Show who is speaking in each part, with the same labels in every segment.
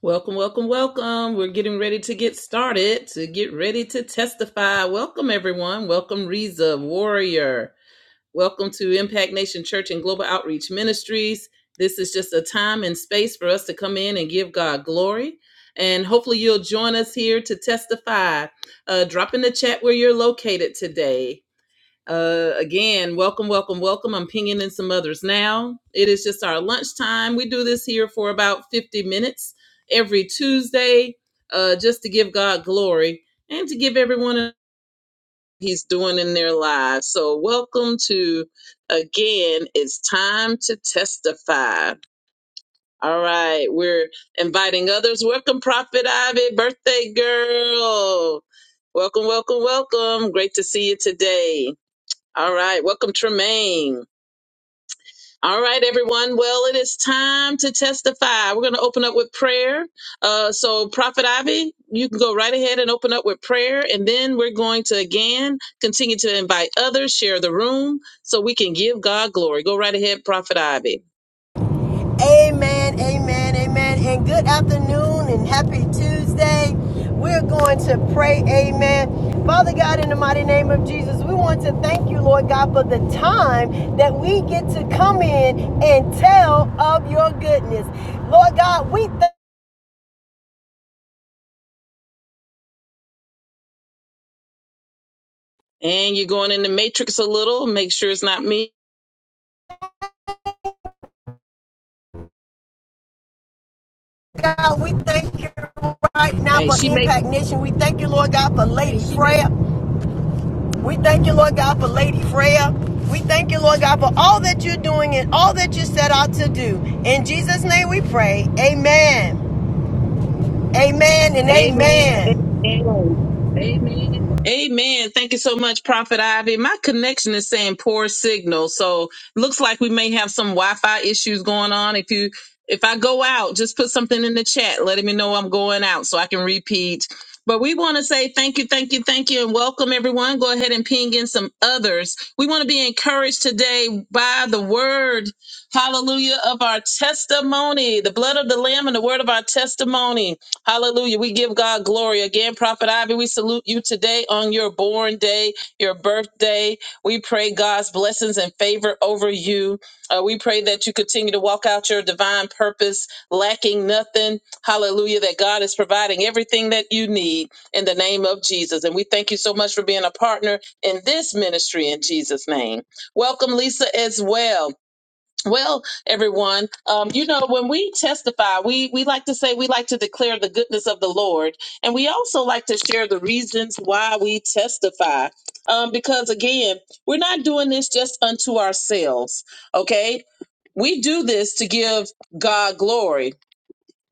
Speaker 1: Welcome, welcome, welcome. We're getting ready to get started, to get ready to testify. Welcome, everyone. Welcome, Reza, Warrior. Welcome to Impact Nation Church and Global Outreach Ministries. This is just a time and space for us to come in and give God glory. And hopefully, you'll join us here to testify. Uh, drop in the chat where you're located today. Uh, again, welcome, welcome, welcome. I'm pinging in some others now. It is just our lunchtime. We do this here for about 50 minutes every Tuesday, uh, just to give God glory and to give everyone a- He's doing in their lives. So, welcome to again. It's time to testify. All right, we're inviting others. Welcome, Prophet Ivy, birthday girl. Welcome, welcome, welcome. Great to see you today. All right. Welcome, Tremaine. All right, everyone. Well, it is time to testify. We're going to open up with prayer. Uh, so, Prophet Ivy, you can go right ahead and open up with prayer. And then we're going to again continue to invite others, share the room so we can give God glory. Go right ahead, Prophet Ivy.
Speaker 2: Amen, amen, amen. And good afternoon and happy Tuesday. We're going to pray, amen. Father God, in the mighty name of Jesus, we want to thank you, Lord God, for the time that we get to come in and tell of your goodness. Lord God, we thank
Speaker 1: And you're going in the matrix a little. Make sure it's not me.
Speaker 2: God, we thank you right now
Speaker 1: Hey,
Speaker 2: for
Speaker 1: she may.
Speaker 2: Impact Nation. We thank you, Lord God, for Lady Freya. We thank you, Lord God, for Lady Freya. We thank you, Lord God, for all that you're doing and all that you set out to do. In Jesus' name we pray. Amen. Amen and
Speaker 1: Amen.
Speaker 2: amen.
Speaker 1: Amen.
Speaker 2: Amen.
Speaker 1: Amen. Thank you so much, Prophet Ivy. My connection is saying poor signal, so looks like we may have some Wi-Fi issues going on. If you if I go out, just put something in the chat letting me know I'm going out so I can repeat. But we want to say thank you, thank you, thank you, and welcome everyone. Go ahead and ping in some others. We want to be encouraged today by the word, hallelujah, of our testimony, the blood of the Lamb and the word of our testimony. Hallelujah. We give God glory. Again, Prophet Ivy, we salute you today on your born day, your birthday. We pray God's blessings and favor over you. Uh, we pray that you continue to walk out your divine purpose, lacking nothing. Hallelujah. That God is providing everything that you need in the name of Jesus. And we thank you so much for being a partner in this ministry in Jesus' name. Welcome, Lisa, as well. Well, everyone, um, you know, when we testify, we, we like to say we like to declare the goodness of the Lord. And we also like to share the reasons why we testify. Um, because again, we're not doing this just unto ourselves, okay? We do this to give God glory.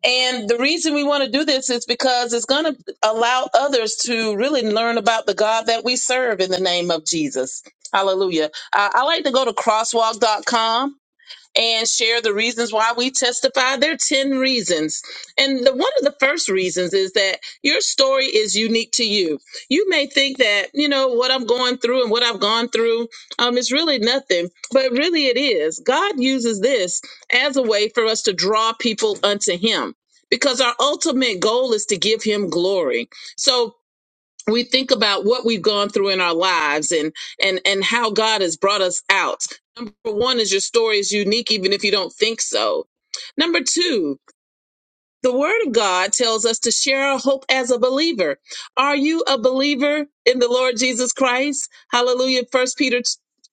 Speaker 1: And the reason we want to do this is because it's going to allow others to really learn about the God that we serve in the name of Jesus. Hallelujah. I, I like to go to crosswalk dot com and share the reasons why we testify. There are 10 reasons. And the, one of the first reasons is that your story is unique to you. You may think that, you know, what I'm going through and what I've gone through um, is really nothing, but really it is. God uses this as a way for us to draw people unto Him. Because our ultimate goal is to give him glory. So we think about what we've gone through in our lives and and and how God has brought us out. Number one is your story is unique even if you don't think so. Number two, the word of God tells us to share our hope as a believer. Are you a believer in the Lord Jesus Christ? Hallelujah. First Peter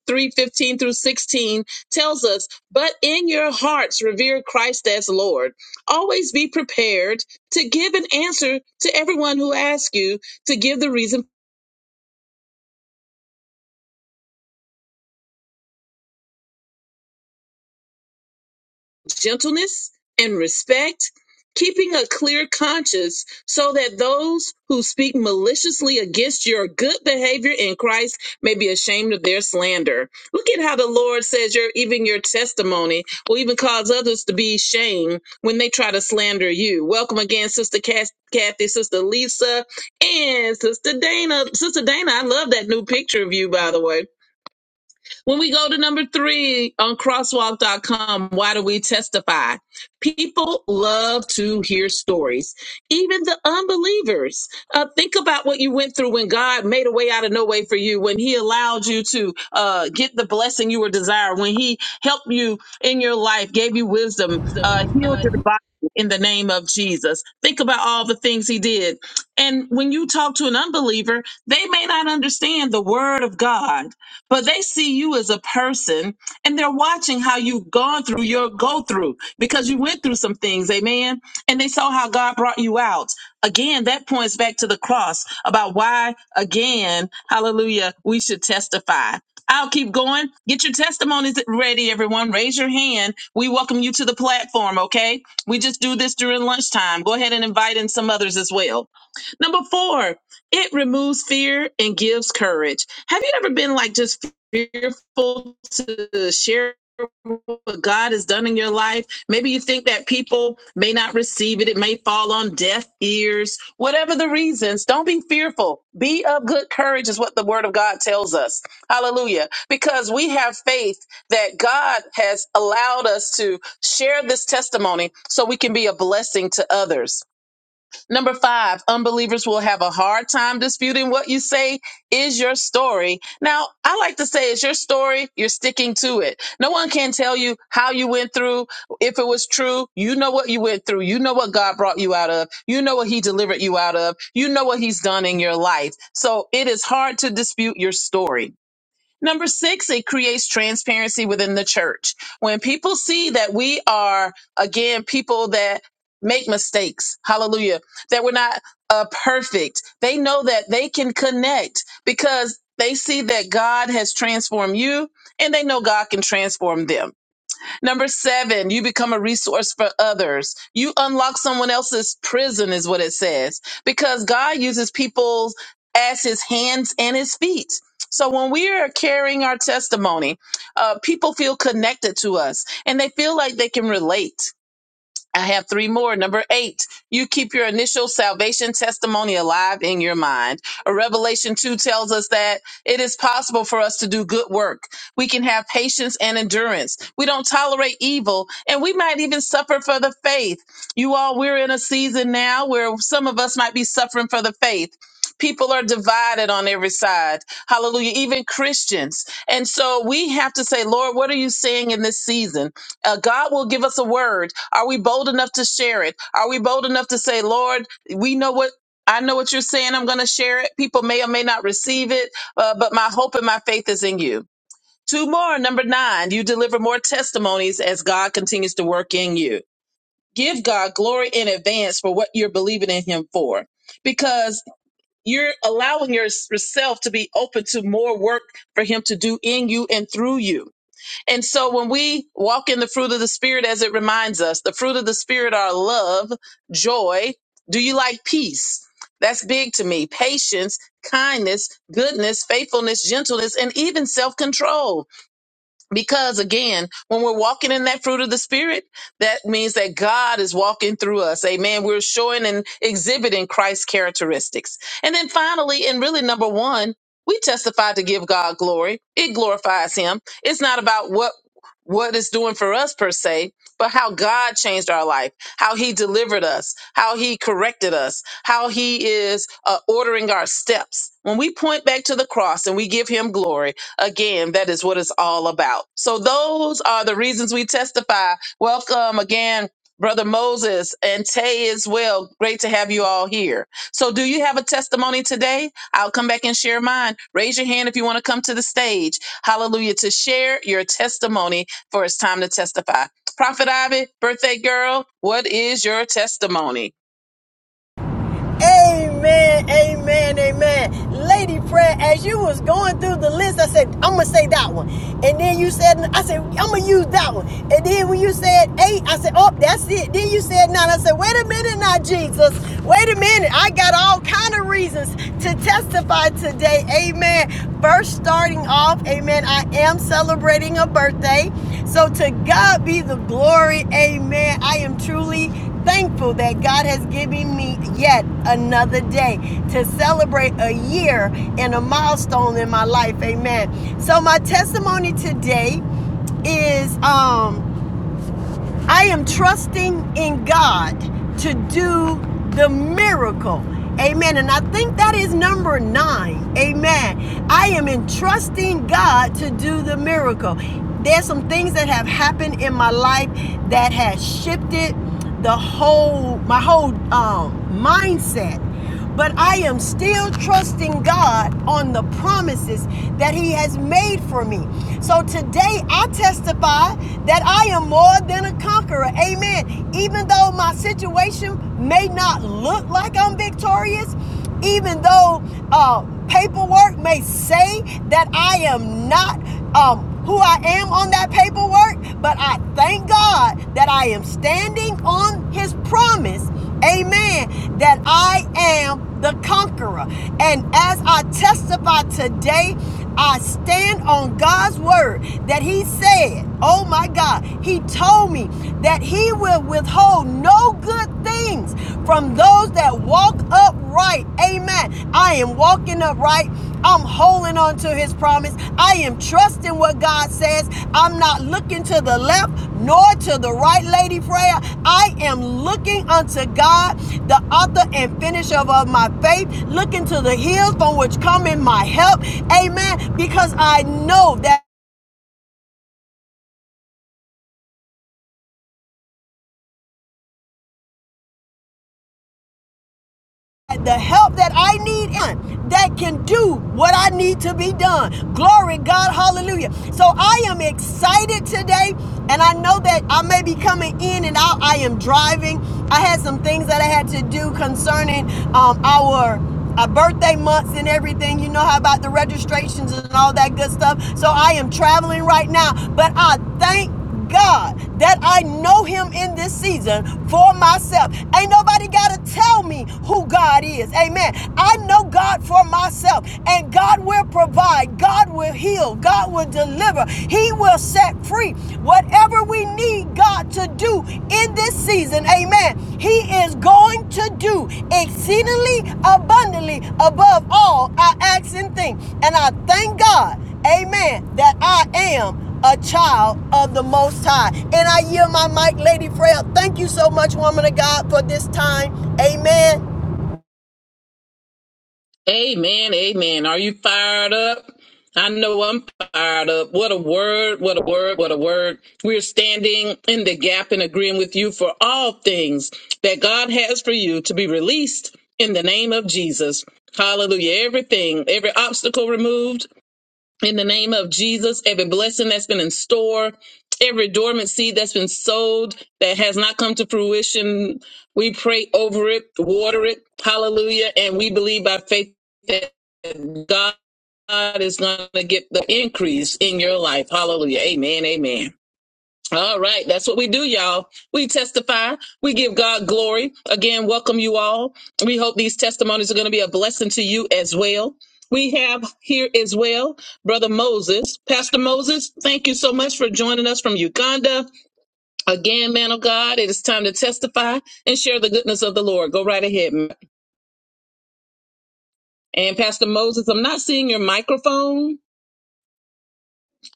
Speaker 1: 3 15 through 16 tells us, but in your hearts revere Christ as Lord. Always be prepared to give an answer to everyone who asks you to give the reason. gentleness and respect, keeping a clear conscience so that those who speak maliciously against your good behavior in Christ may be ashamed of their slander. Look at how the Lord says your even your testimony will even cause others to be ashamed when they try to slander you. Welcome again, Sister Cass- Kathy, Sister Lisa, and Sister Dana. Sister Dana, I love that new picture of you, by the way. When we go to number three on Crosswalk dot com, why do we testify? People love to hear stories, even the unbelievers. Uh, think about what you went through when God made a way out of no way for you, when He allowed you to uh, get the blessing you were desired, when He helped you in your life, gave you wisdom, uh,
Speaker 2: Uh,
Speaker 1: healed your body in the name of Jesus. Think about all the things He did. And when you talk to an unbeliever, they may not understand the Word of God but they see you as a person and they're watching how you've gone through your go through because you went through some things, amen. And they saw how God brought you out. Again, that points back to the cross about why, again, hallelujah, we should testify. I'll keep going. Get your testimonies ready, everyone. Raise your hand. We welcome you to the platform, okay? We just do this during lunchtime. Go ahead and invite in some others as well. Number four, it removes fear and gives courage. Have you ever been like just fearful to share what God has done in your life? Maybe you think that people may not receive it, it may fall on deaf ears. Whatever the reasons, don't be fearful. Be of good courage, is what the word of God tells us. Hallelujah. Because we have faith that God has allowed us to share this testimony so we can be a blessing to others. Number five, unbelievers will have a hard time disputing what you say is your story. Now, I like to say it's your story, you're sticking to it. No one can tell you how you went through. If it was true, you know what you went through. You know what God brought you out of. You know what He delivered you out of. You know what He's done in your life. So it is hard to dispute your story. Number six, it creates transparency within the church. When people see that we are, again, people that make mistakes, hallelujah, that we're not uh, perfect, they know that they can connect because they see that God has transformed you and they know God can transform them. Number seven, you become a resource for others. You unlock someone else's prison, is what it says, because God uses people as his hands and his feet. So when we are carrying our testimony, uh, people feel connected to us and they feel like they can relate. I have three more. Number eight, you keep your initial salvation testimony alive in your mind. A Revelation 2 tells us that it is possible for us to do good work. We can have patience and endurance. We don't tolerate evil, and we might even suffer for the faith. You all, we're in a season now where some of us might be suffering for the faith. People are divided on every side. Hallelujah. Even Christians. And so we have to say, Lord, what are you saying in this season? Uh, God will give us a word. Are we bold enough to share it? Are we bold enough to say, Lord, we know what I know what you're saying. I'm going to share it. People may or may not receive it, uh, but my hope and my faith is in you. Two more, number nine, you deliver more testimonies as God continues to work in you. Give God glory in advance for what you're believing in Him for, because you're allowing yourself to be open to more work for Him to do in you and through you. And so when we walk in the fruit of the Spirit, as it reminds us, the fruit of the Spirit are love, joy. Do you like peace? That's big to me. Patience, kindness, goodness, faithfulness, gentleness, and even self control. Because again, when we're walking in that fruit of the Spirit, that means that God is walking through us. Amen. We're showing and exhibiting Christ's characteristics. And then finally, and really number one, we testify to give God glory. It glorifies Him. It's not about what what it's doing for us per se, but how God changed our life, how He delivered us, how He corrected us, how He is uh, ordering our steps. When we point back to the cross and we give Him glory, Again, that is what it's all about. So those are the reasons we testify. Welcome again, Brother Moses and Tay as well. Great to have you all here. So do you have a testimony today? I'll come back and share mine. Raise your hand if you want to come to the stage. Hallelujah. To share your testimony for it's time to testify. Prophet Ivy, birthday girl, what is your testimony?
Speaker 2: Amen, amen, amen. Lady Prayer, as you was going through the list, I said, I'm gonna say that one. And then you said, I said, I'm gonna use that one. And then when you said eight, I said, oh, that's it. Then you said nine. I said, wait a minute now, Jesus. Wait a minute. I got all kind of reasons to testify today. Amen. First, starting off, amen, I am celebrating a birthday. So to God be the glory. Amen. I am truly thankful that God has given me yet another day to celebrate a year and a milestone in my life. Amen. So my testimony today is um I am trusting in God to do the miracle. Amen. And I think that is number nine. Amen. I am entrusting God to do the miracle. There's some things that have happened in my life that has shifted the whole my whole um, mindset but I am still trusting God on the promises that He has made for me. So today I testify that I am more than a conqueror. Amen. Even though my situation may not look like I'm victorious, even though uh, paperwork may say that I am not um, who I am on that paperwork, but I thank God that I am standing on His promise Amen. That I am the conqueror. And as I testify today, I stand on God's word that He said, Oh my God, He told me that He will withhold no good things from those that walk upright. Amen. I am walking walking upright. I'm holding on to his promise. I am trusting what God says. I'm not looking to the left nor to the right, lady Freya. I am looking unto God, the author and finisher of my faith, looking to the hills from which cometh my help. Amen. Because I know that the help that I need in that can do what I need to be done. Glory God, hallelujah. So I am excited today, and I know that I may be coming in and out. I am driving. I had some things that I had to do concerning um, our uh, birthday months and everything. You know how about the registrations and all that good stuff. So I am traveling right now, but I thank God that I know him in this season for myself. Ain't nobody got to tell me who God is. Amen. I know God for myself, and God will provide, God will heal, God will deliver, He will set free. Whatever we need God to do in this season, amen, He is going to do exceedingly abundantly above all I ask and think. And I thank God, amen, that I am a child of the Most High. And I yield my mic, Lady Frail. Thank you so much, woman of God, for this time. Amen.
Speaker 1: Amen, amen. Are you fired up? I know I'm fired up. What a word, what a word, what a word. We're standing in the gap and agreeing with you for all things that God has for you to be released in the name of Jesus. Hallelujah. Everything, every obstacle removed, in the name of Jesus, every blessing that's been in store, every dormant seed that's been sowed that has not come to fruition, we pray over it, water it, hallelujah. And we believe by faith that God is going to get the increase in your life. Hallelujah. Amen. Amen. All right, that's what we do, y'all. We testify, we give God glory. Again, welcome you all. We hope these testimonies are going to be a blessing to you as well. We have here as well, Brother Moses. Pastor Moses, thank you so much for joining us from Uganda. Again, man of God, it is time to testify and share the goodness of the Lord. Go right ahead. And Pastor Moses, I'm not seeing your microphone,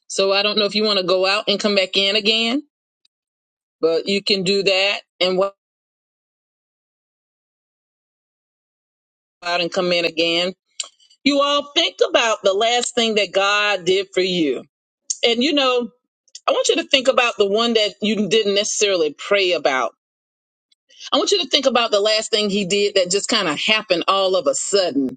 Speaker 1: so I don't know if you want to go out and come back in again, but you can do that and walk out and come in again You all think about the last thing that God did for you. And you know, I want you to think about the one that you didn't necessarily pray about. I want you to think about the last thing he did that just kind of happened all of a sudden.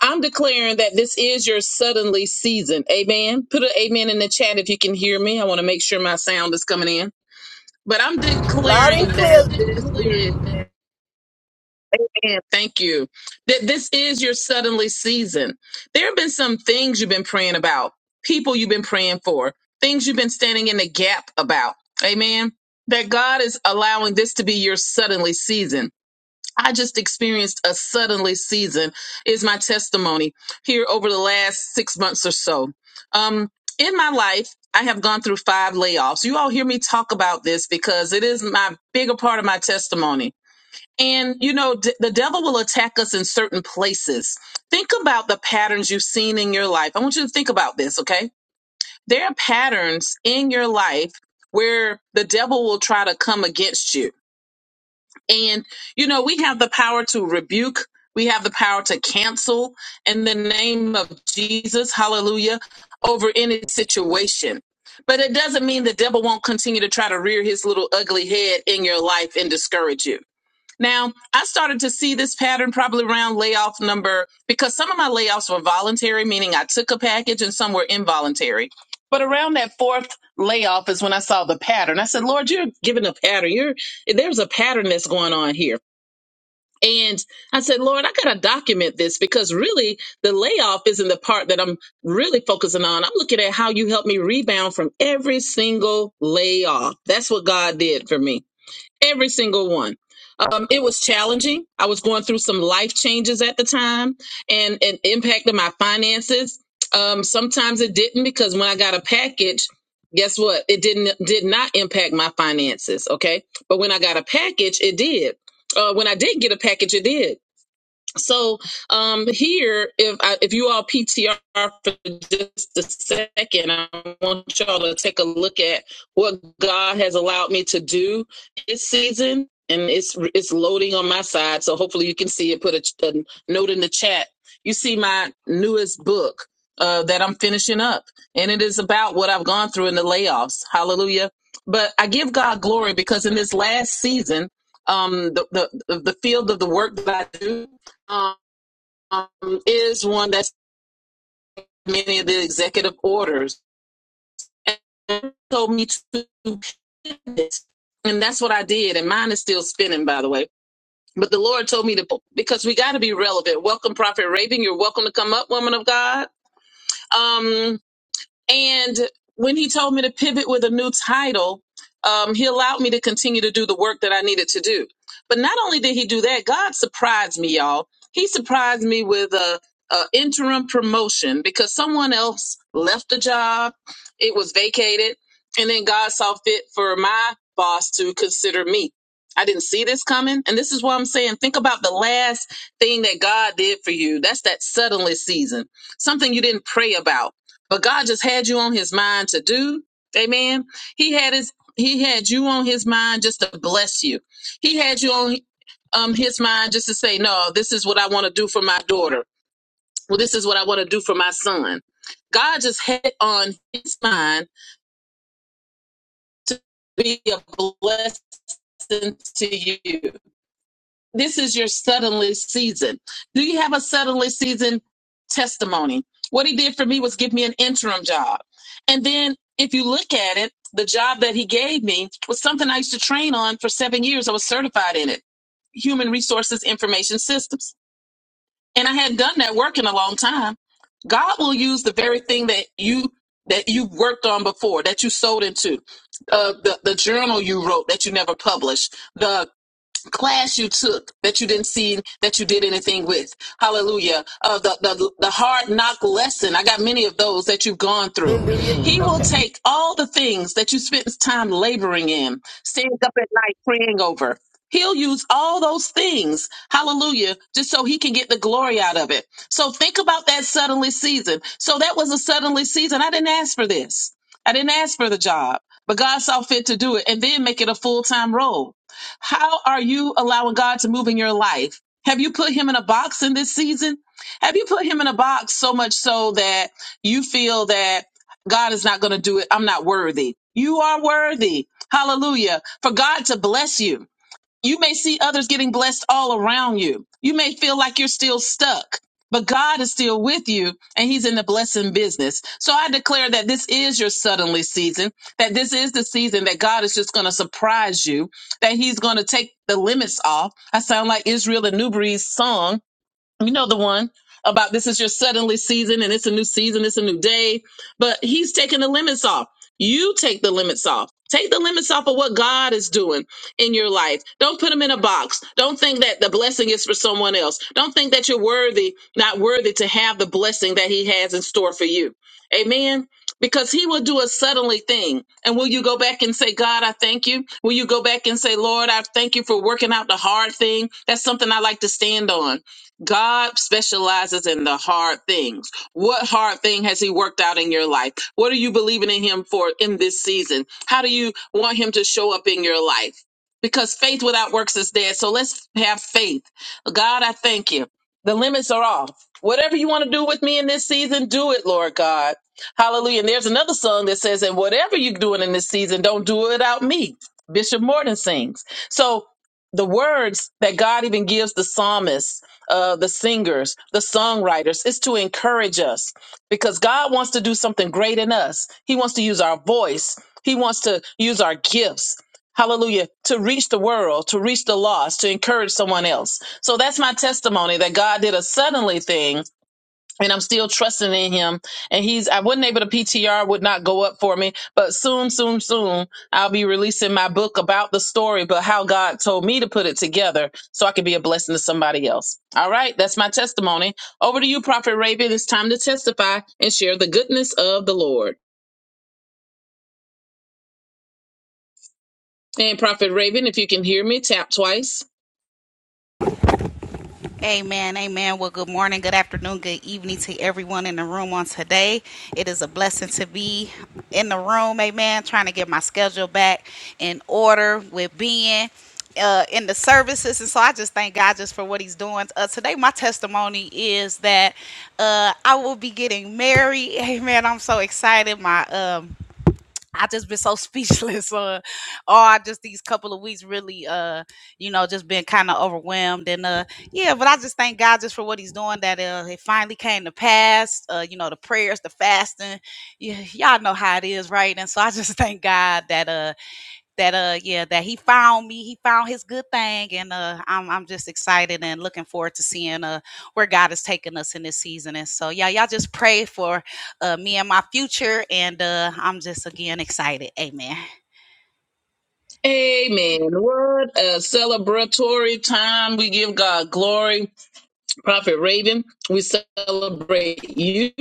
Speaker 1: I'm declaring that this is your suddenly season. Amen. Put an amen in the chat if you can hear me. I want to make sure my sound is coming in. But I'm
Speaker 2: Loud and
Speaker 1: declaring that
Speaker 2: clear.
Speaker 1: this is. Amen. Thank you. That this is your suddenly season. There have been some things you've been praying about, people you've been praying for, things you've been standing in the gap about. Amen. That God is allowing this to be your suddenly season. I just experienced a suddenly season, is my testimony here over the last six months or so. Um, in my life, I have gone through five layoffs. You all hear me talk about this because it is my bigger part of my testimony and you know, d- the devil will attack us in certain places. Think about the patterns you've seen in your life. I want you to think about this, okay? There are patterns in your life where the devil will try to come against you. And you know, we have the power to rebuke, we have the power to cancel in the name of Jesus, hallelujah, over any situation. But it doesn't mean the devil won't continue to try to rear his little ugly head in your life and discourage you. Now, I started to see this pattern probably around layoff number because some of my layoffs were voluntary, meaning I took a package, and some were involuntary. But around that fourth layoff is when I saw the pattern. I said, Lord, you're giving a pattern. You're there's a pattern that's going on here. And I said, Lord, I gotta document this because really the layoff isn't the part that I'm really focusing on. I'm looking at how you helped me rebound from every single layoff. That's what God did for me. Every single one. Um, it was challenging. I was going through some life changes at the time and it impacted my finances. Um, sometimes it didn't because when I got a package, guess what? It didn't did not impact my finances, okay? But when I got a package, it did. Uh, when I did get a package, it did so um, here, if I, if you all PTR for just a second, I want y'all to take a look at what God has allowed me to do this season, and it's it's loading on my side. So hopefully you can see it. Put a, a note in the chat. You see my newest book uh, that I'm finishing up, and it is about what I've gone through in the layoffs. Hallelujah! But I give God glory because in this last season, um, the the the field of the work that I do um, is one that's many of the executive orders and told me to do this. And that's what I did. And mine is still spinning, by the way. But the Lord told me to, because we got to be relevant. Welcome, Prophet Raven. You're welcome to come up, woman of God. Um. And when he told me to pivot with a new title, um, he allowed me to continue to do the work that I needed to do. But not only did he do that, God surprised me, y'all. He surprised me with a, a interim promotion because someone else left the job. It was vacated, and then God saw fit for my boss to consider me. I didn't see this coming, and this is why I'm saying think about the last thing that God did for you. That's that suddenly season, something you didn't pray about but God just had you on his mind to do. Amen. He had his he had you on his mind just to bless you. He had you on um his mind just to say, "No, this is what I want to do for my daughter. Well, this is what I want to do for my son." God just had on his mind to be a blessing to you. this is your suddenly season. Do you have a suddenly season testimony? What he did for me was give me an interim job. And then if you look at it, the job that he gave me was something I used to train on for seven years. I was certified in it human resources information systems. And I hadn't done that work in a long time. God will use the very thing that you that you worked on before, that you sold into, uh, the, the journal you wrote that you never published, The class you took that you didn't see that you did anything with. Hallelujah. Uh, the, the, the hard knock lesson. I got many of those that you've gone through.
Speaker 2: Hallelujah.
Speaker 1: He will
Speaker 2: Okay.
Speaker 1: take all the things that you spent time laboring in, staying up at night praying over. He'll use all those things, hallelujah, just so he can get the glory out of it. So think about that suddenly season. So that was a suddenly season. I didn't ask for this. I didn't ask for the job, but God saw fit to do it and then make it a full time role. How are you allowing God to move in your life? Have you put him in a box in this season? Have you put him in a box so much so that you feel that God is not going to do it? I'm not worthy. You are worthy. Hallelujah. For God to bless you. You may see others getting blessed all around you. You may feel like you're still stuck, but God is still with you and He's in the blessing business. So I declare that this is your suddenly season, that this is the season that God is just going to surprise you, that He's going to take the limits off. I sound like Israel and New Breed's song you know the one about this is your suddenly season and it's a new season, it's a new day. But he's taking the limits off. You take the limits off. Take the limits off of what God is doing in your life. Don't put them in a box. Don't think that the blessing is for someone else. Don't think that you're worthy, not worthy to have the blessing that he has in store for you. Amen. Because he will do a suddenly thing. And will you go back and say, God, I thank you? Will you go back and say, Lord, I thank you for working out the hard thing? That's something I like to stand on. God specializes in the hard things. What hard thing has He worked out in your life? What are you believing in Him for in this season? How do you want Him to show up in your life? Because faith without works is dead. So let's have faith. God, I thank you. The limits are off. Whatever you want to do with me in this season, do it, Lord God. Hallelujah. And there's another song that says, and whatever you're doing in this season, don't do it without me. Bishop Morton sings. So the words that God even gives the psalmist uh, the singers, the songwriters. It's to encourage us because God wants to do something great in us. He wants to use our voice, He wants to use our gifts. Hallelujah. To reach the world, to reach the lost, to encourage someone else. So that's my testimony that God did a suddenly thing and I'm still trusting in him. And he's, I wasn't able to PTR would not go up for me, but soon, soon, soon, I'll be releasing my book about the story, but how God told me to put it together so I can be a blessing to somebody else. All right. That's my testimony. Over to you, Prophet Raven. It's time to testify and share the goodness of the Lord. And Prophet Raven, if you can hear me, tap twice.
Speaker 3: Amen. Amen. Well, good morning, good afternoon, good evening to everyone in the room on today. It is a blessing to be in the room. Amen. Trying to get my schedule back in order with being uh, in the services. And so I just thank God just for what he's doing. Uh, today, my testimony is that uh, I will be getting married. Amen. I'm so excited. My um, I just been so speechless or or just these couple of weeks really uh you know just been kind of overwhelmed and uh yeah but I just thank God just for what he's doing that uh it finally came to pass uh you know the prayers the fasting yeah y'all know how it is right and so I just thank God that uh that uh yeah that he found me he found his good thing and uh I'm I'm just excited and looking forward to seeing uh where God is taking us in this season and so yeah y'all just pray for uh me and my future and uh I'm just again excited amen
Speaker 1: Amen. What a celebratory time. We give God glory. Prophet Raven, we celebrate you.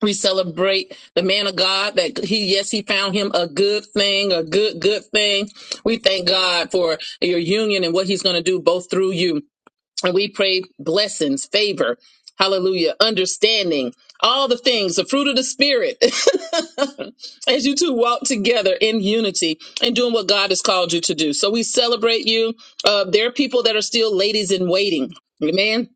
Speaker 1: We celebrate the man of God that he, yes, he found him a good thing, a good, good thing. We thank God for your union and what he's going to do both through you. And we pray blessings, favor, hallelujah, understanding, all the things, the fruit of the spirit, as you two walk together in unity and doing what God has called you to do. So we celebrate you. Uh, there are people that are still ladies in waiting. Amen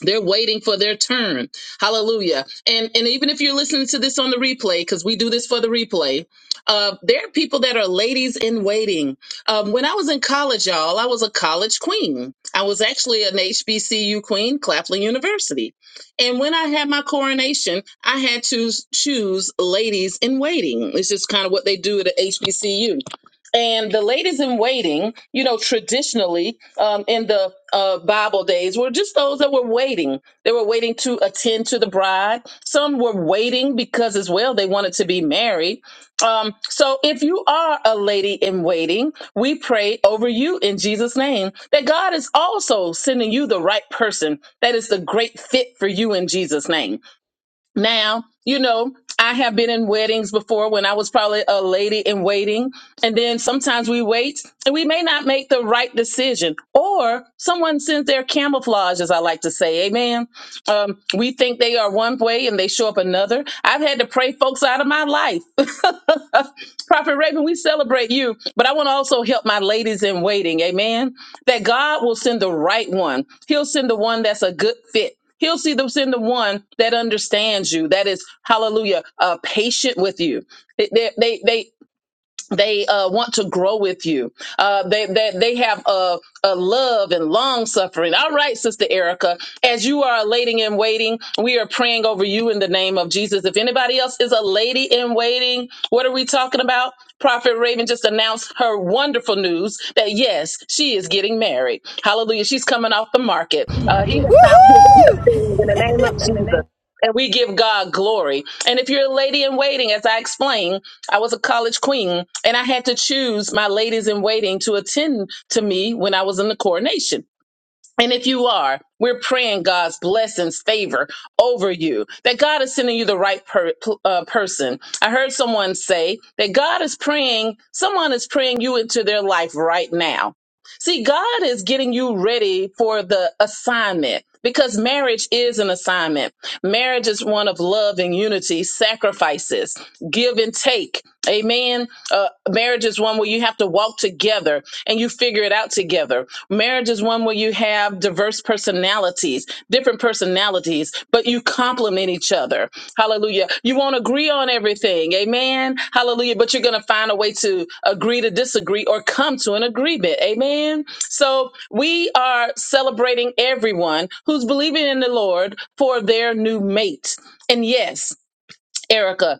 Speaker 1: they're waiting for their turn. Hallelujah. And and even if you're listening to this on the replay, because we do this for the replay, uh, there are people that are ladies in waiting. Um, when I was in college, y'all, I was a college queen. I was actually an HBCU queen, Claflin University. And when I had my coronation, I had to choose ladies in waiting. It's just kind of what they do at a HBCU. And the ladies in waiting, you know, traditionally um, in the uh, Bible days were just those that were waiting. They were waiting to attend to the bride. Some were waiting because, as well, they wanted to be married. Um, so, if you are a lady in waiting, we pray over you in Jesus' name that God is also sending you the right person that is the great fit for you in Jesus' name. Now, you know, I have been in weddings before when I was probably a lady in waiting. And then sometimes we wait and we may not make the right decision, or someone sends their camouflage, as I like to say. Amen. Um, we think they are one way and they show up another. I've had to pray folks out of my life. Prophet Raven, we celebrate you, but I want to also help my ladies in waiting. Amen that God will send the right one. He'll send the one that's a good fit. He'll see them send the one that understands you, that is, hallelujah, uh, patient with you. They, they, they, they uh, want to grow with you. Uh, they, they they have a, a love and long suffering. All right, Sister Erica, as you are a lady in waiting, we are praying over you in the name of Jesus. If anybody else is a lady in waiting, what are we talking about? Prophet Raven just announced her wonderful news that yes, she is getting married. Hallelujah! She's coming off the market. Uh, he
Speaker 2: Market.
Speaker 1: has found his
Speaker 2: Woohoo!
Speaker 1: thing in the name of Jesus. And we give God glory. And if you're a lady in waiting, as I explained. I was a college queen, and I had to choose my ladies in waiting to attend to me when I was in the coronation. And if you are, we're praying God's blessings, favor over you, that God is sending you the right per, uh, person. I heard someone say that God is praying, someone is praying you into their life right now. See, God is getting you ready for the assignment because marriage is an assignment. Marriage is one of love and unity, sacrifices, give and take. Amen. Uh, marriage is one where you have to walk together and you figure it out together. Marriage is one where you have diverse personalities, different personalities, but you complement in each other. Hallelujah. You won't agree on everything. Amen. Hallelujah. But you're going to find a way to agree to disagree or come to an agreement. Amen. So we are celebrating everyone who's believing in the Lord for their new mate. And yes, Erica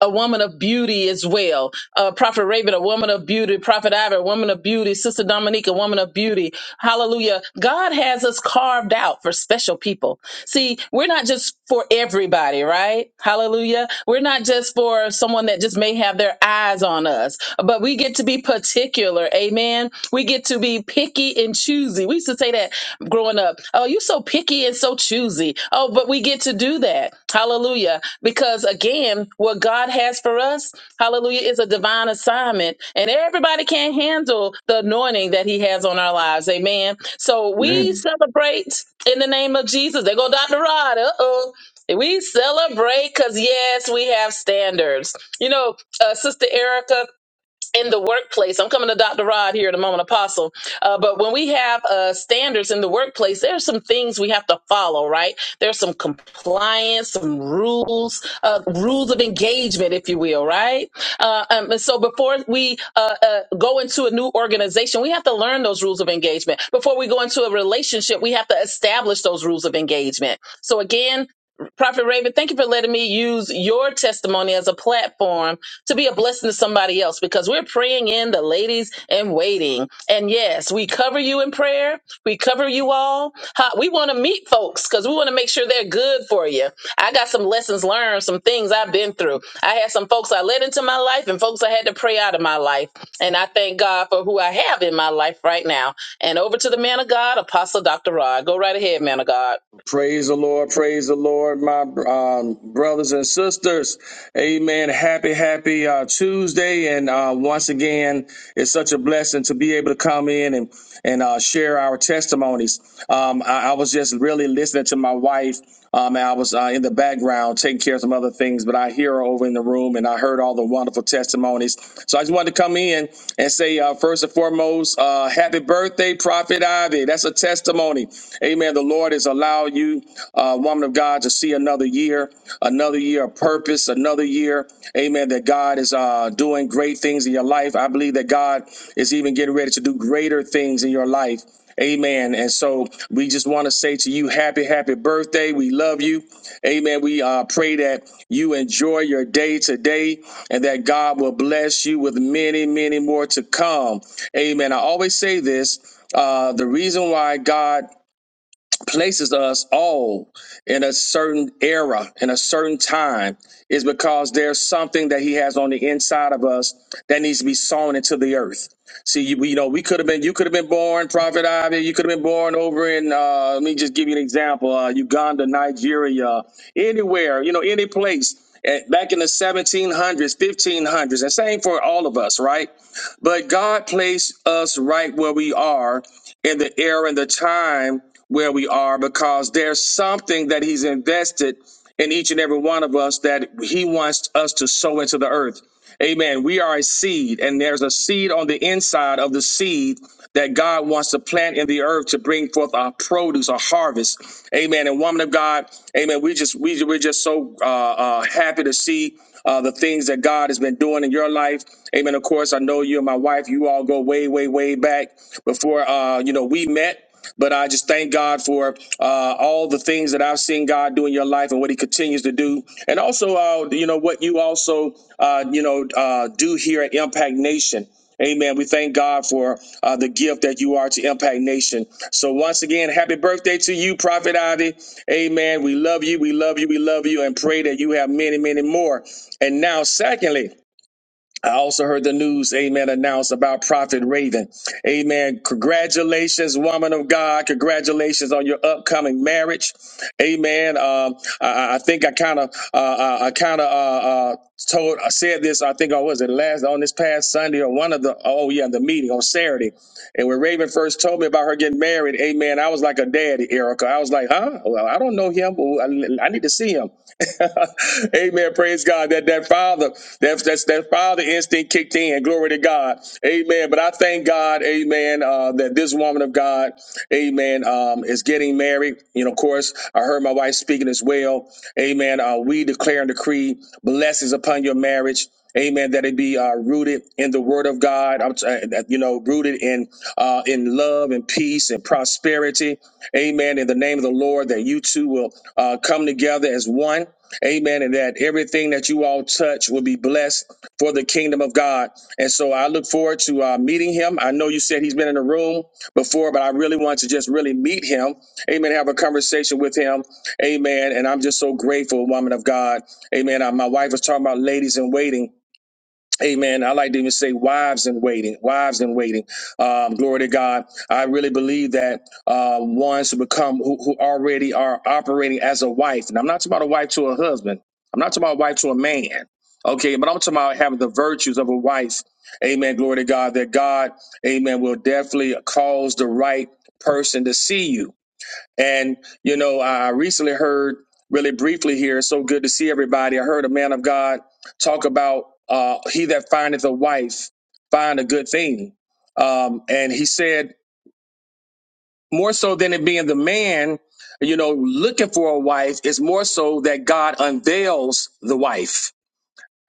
Speaker 1: a woman of beauty as well. Uh, Prophet Raven, a woman of beauty. Prophet Ivor, a woman of beauty. Sister Dominique, a woman of beauty. Hallelujah. God has us carved out for special people. See, we're not just for everybody, right? Hallelujah. We're not just for someone that just may have their eyes on us, but we get to be particular. Amen. We get to be picky and choosy. We used to say that growing up. Oh, you so picky and so choosy. Oh, but we get to do that. Hallelujah. Because again, what God has for us, hallelujah, is a divine assignment. And everybody can't handle the anointing that He has on our lives. Amen. So we
Speaker 4: Amen.
Speaker 1: celebrate in the name of Jesus. They go Dr. Rod. Uh oh. We celebrate because, yes, we have standards. You know, uh, Sister Erica, in the workplace, I'm coming to Dr. Rod here in a moment, Apostle. Uh, but when we have uh, standards in the workplace, there are some things we have to follow, right? There's some compliance, some rules, uh, rules of engagement, if you will, right? Uh, um, and so before we uh, uh, go into a new organization, we have to learn those rules of engagement. Before we go into a relationship, we have to establish those rules of engagement. So again, Prophet Raven, thank you for letting me use your testimony as a platform to be a blessing to somebody else because we're praying in the ladies in waiting. And yes, we cover you in prayer. We cover you all. Ha- We want to meet folks because we want to make sure they're good for you. I got some lessons learned, some things I've been through. I had some folks I led into my life and folks I had to pray out of my life. And I thank God for who I have in my life right now. And over to the man of God, Apostle Dr. Rod. Go right ahead, man of God.
Speaker 4: Praise the Lord. Praise the Lord, my um, brothers and sisters. Amen. Happy, happy uh, Tuesday. And uh, once again, it's such a blessing to be able to come in and, and uh, share our testimonies. Um, I, I was just really listening to my wife. Um, and I was uh, in the background taking care of some other things, but I hear her over in the room and I heard all the the wonderful testimonies. So I just wanted to come in and say, uh, first and foremost, uh, happy birthday, Prophet Ivy. That's a testimony. Amen. The Lord has allowed you, uh, woman of God, to see another year, another year of purpose, another year. Amen. That God is uh, doing great things in your life. I believe that God is even getting ready to do greater things in your life. Amen. And so we just want to say to you, happy, happy birthday. We love you. Amen. We uh, pray that you enjoy your day today and that God will bless you with many, many more to come. Amen. I always say this. Uh, the reason why God places us all in a certain era, in a certain time, is because there's something that He has on the inside of us that needs to be sown into the earth. See, you, you know, we could have been, you could have been born, Prophet Ivy, you could have been born over in, uh, let me just give you an example, uh, Uganda, Nigeria, anywhere, you know, any place. At, back in the 1700s, 1500s, and same for all of us, right? But God placed us right where we are in the era and the time where we are because there's something that he's invested in each and every one of us that he wants us to sow into the earth. Amen. We are a seed, and there's a seed on the inside of the seed that God wants to plant in the earth to bring forth our produce, our harvest. Amen. And woman of God, amen. We just we we're just so uh, uh, happy to see uh, the things that God has been doing in your life. Amen. Of course, I know you and my wife. You all go way, way, way back before uh, you know we met. But I just thank God for uh, all the things that I've seen God do in your life and what He continues to do, and also, uh, you know, what you also, uh, you know, uh, do here at Impact Nation. Amen. We thank God for uh, the gift that you are to Impact Nation. So once again, happy birthday to you, Prophet Ivy. Amen. We love you. We love you. We love you, and pray that you have many, many more. And now, secondly. I also heard the news, amen, announced about Prophet Raven. Amen. Congratulations, woman of God. Congratulations on your upcoming marriage. Amen. Um, I, I I think I kind of, uh, uh, I kind of, uh, uh, told, I said this, I think I was it last on this past Sunday or one of the, oh yeah, the meeting on Saturday. And when Raven first told me about her getting married, amen, I was like a daddy, Erica. I was like, huh? Well, I don't know him, but I I need to see him. Amen. Praise God. That that father, that that's that father instinct kicked in. Glory to God. Amen. But I thank God, Amen, uh, that this woman of God, Amen, um, is getting married. You know, of course, I heard my wife speaking as well. Amen. Uh, we declare and decree blessings upon your marriage. Amen. That it be uh, rooted in the Word of God. I'm t- uh, that, you know, rooted in uh, in love and peace and prosperity. Amen. In the name of the Lord, that you two will uh, come together as one Amen. And that everything that you all touch will be blessed for the kingdom of God. And so I look forward to uh, meeting him. I know you said he's been in the room before, but I really want to just really meet him. Amen. Have a conversation with him. Amen. And I'm just so grateful, woman of God. Amen. Uh, my wife was talking about ladies in waiting. Amen. I like to even say wives in waiting, wives in waiting. Um, glory to God. I really believe that uh, ones who become who, who already are operating as a wife, and I'm not talking about a wife to a husband. I'm not talking about a wife to a man. Okay, but I'm talking about having the virtues of a wife. Amen. Glory to God. That God, Amen, will definitely cause the right person to see you. And, you know, I recently heard really briefly here, it's so good to see everybody. I heard a man of God talk about uh, he that findeth a wife find a good thing. Um, and he said, more so than it being the man, you know, looking for a wife is more so that God unveils the wife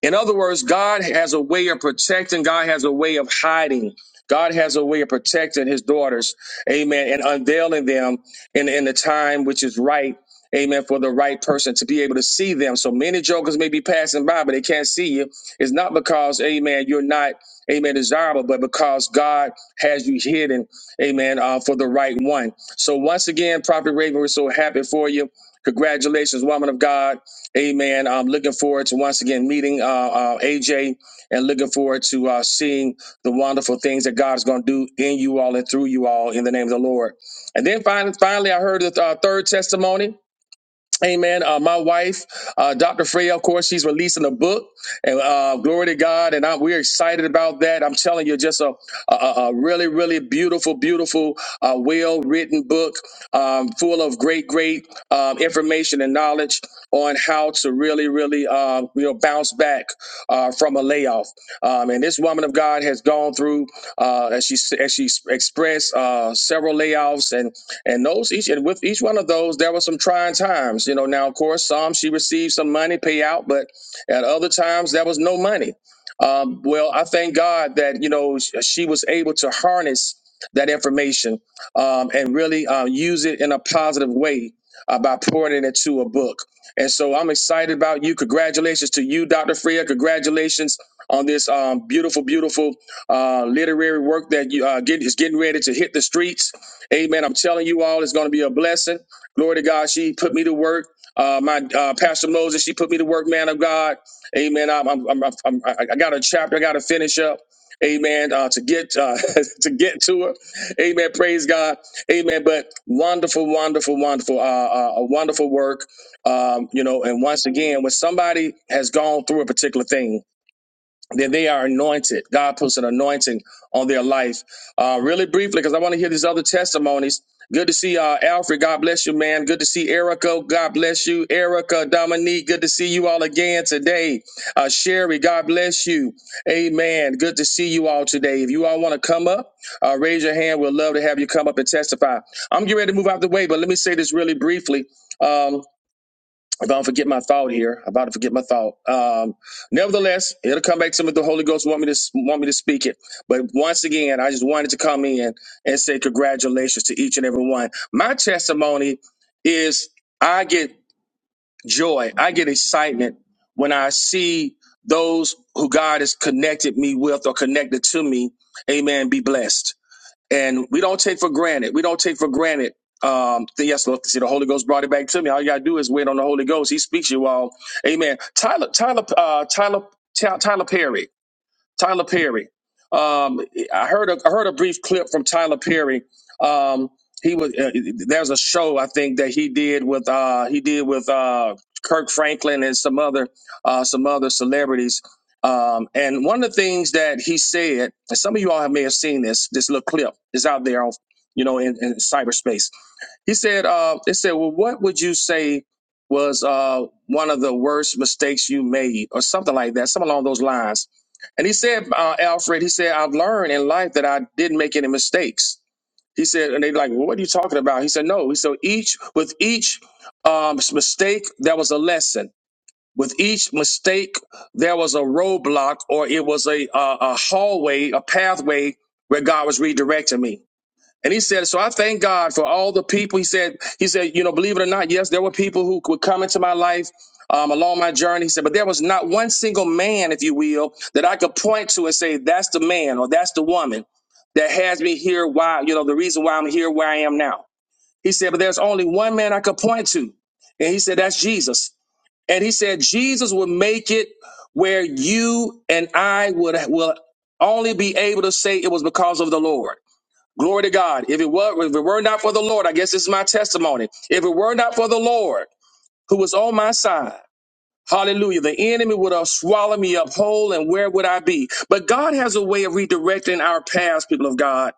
Speaker 4: in other words, God has a way of protecting, God has a way of hiding. God has a way of protecting his daughters, amen, and unveiling them in, in the time which is right, amen, for the right person to be able to see them. So many jokers may be passing by, but they can't see you. It's not because, amen, you're not, amen, desirable, but because God has you hidden, amen, uh, for the right one. So once again, Prophet Raven, we're so happy for you. Congratulations, woman of God. Amen. I'm looking forward to once again meeting uh, uh, AJ and looking forward to uh, seeing the wonderful things that God is going to do in you all and through you all in the name of the Lord. And then finally, finally I heard the uh, third testimony. Amen. Uh, my wife, uh, Dr. Freya, of course, she's releasing a book, and uh, glory to God, and I, we're excited about that. I'm telling you, just a, a, a really, really beautiful, beautiful, uh, well-written book, um, full of great, great um, information and knowledge on how to really, really, uh, you know, bounce back uh, from a layoff. Um, and this woman of God has gone through, uh, as she as she expressed, uh, several layoffs, and those each and with each one of those, there were some trying times. You know, now of course, some she received some money payout, but at other times there was no money. Um, well, I thank God that you know sh- she was able to harness that information um, and really uh, use it in a positive way uh, by pouring it into a book. And so I'm excited about you. Congratulations to you, Dr. Freya. Congratulations on this um, beautiful, beautiful uh, literary work that you uh, get, is getting ready to hit the streets Amen. I'm telling you all, it's going to be a blessing. Glory to God. She put me to work. Uh, my uh, Pastor Moses, she put me to work, man of God. Amen. I'm, I'm, I'm, I'm, I I got a chapter I got to finish up. Amen. Uh, to get uh, to get to her. Amen. Praise God. Amen. But wonderful, wonderful, wonderful, uh, uh, a wonderful work. Um, you know, and once again, when somebody has gone through a particular thing, that they are anointed. God puts an anointing on their life. Uh, really briefly, because I want to hear these other testimonies. Good to see uh, Alfred. God bless you, man. Good to see Erica. God bless you, Erica, Dominique. Good to see you all again today. Uh, Sherry, God bless you. Amen. Good to see you all today. If you all want to come up, uh, raise your hand. We'd love to have you come up and testify. I'm getting ready to move out the way, but let me say this really briefly. Um, I'm going to forget my thought here. I'm about to forget my thought. Um, nevertheless, it'll come back to me. if The Holy Ghost want me to want me to speak it. But once again, I just wanted to come in and say congratulations to each and every one. My testimony is I get joy, I get excitement when I see those who God has connected me with or connected to me. Amen. Be blessed and we don't take for granted. We don't take for granted. Um, the, yes, Lord, see, the Holy Ghost brought it back to me. All you gotta do is wait on the Holy Ghost. He speaks you all. Amen. Tyler, Tyler, uh, Tyler, Ty- Tyler Perry. Tyler Perry. Um, I heard a, I heard a brief clip from Tyler Perry. Um, he was uh, there's a show I think that he did with uh, he did with uh, Kirk Franklin and some other uh, some other celebrities. Um, and one of the things that he said, and some of you all may have seen this this little clip is out there, on, you know, in, in cyberspace he said, uh, "It said, well, what would you say was uh, one of the worst mistakes you made, or something like that, something along those lines?" And he said, uh, "Alfred, he said, I've learned in life that I didn't make any mistakes." He said, and they like, well, what are you talking about? He said, no. He said, each with each um, mistake, there was a lesson. With each mistake, there was a roadblock, or it was a, a a hallway, a pathway where God was redirecting me. And he said, so I thank God for all the people. He said, he said, you know, believe it or not, yes, there were people who would come into my life um, along my journey. He said, but there was not one single man, if you will, that I could point to and say, that's the man or that's the woman that has me here. Why, you know, the reason why I'm here, where I am now. He said, but there's only one man I could point to. And he said, that's Jesus. And he said, Jesus would make it where you and I would will only be able to say it was because of the Lord. Glory to God. If it were, if it were not for the Lord, I guess this is my testimony. If it were not for the Lord who was on my side, hallelujah, the enemy would have swallowed me up whole and where would I be? But God has a way of redirecting our paths, people of God.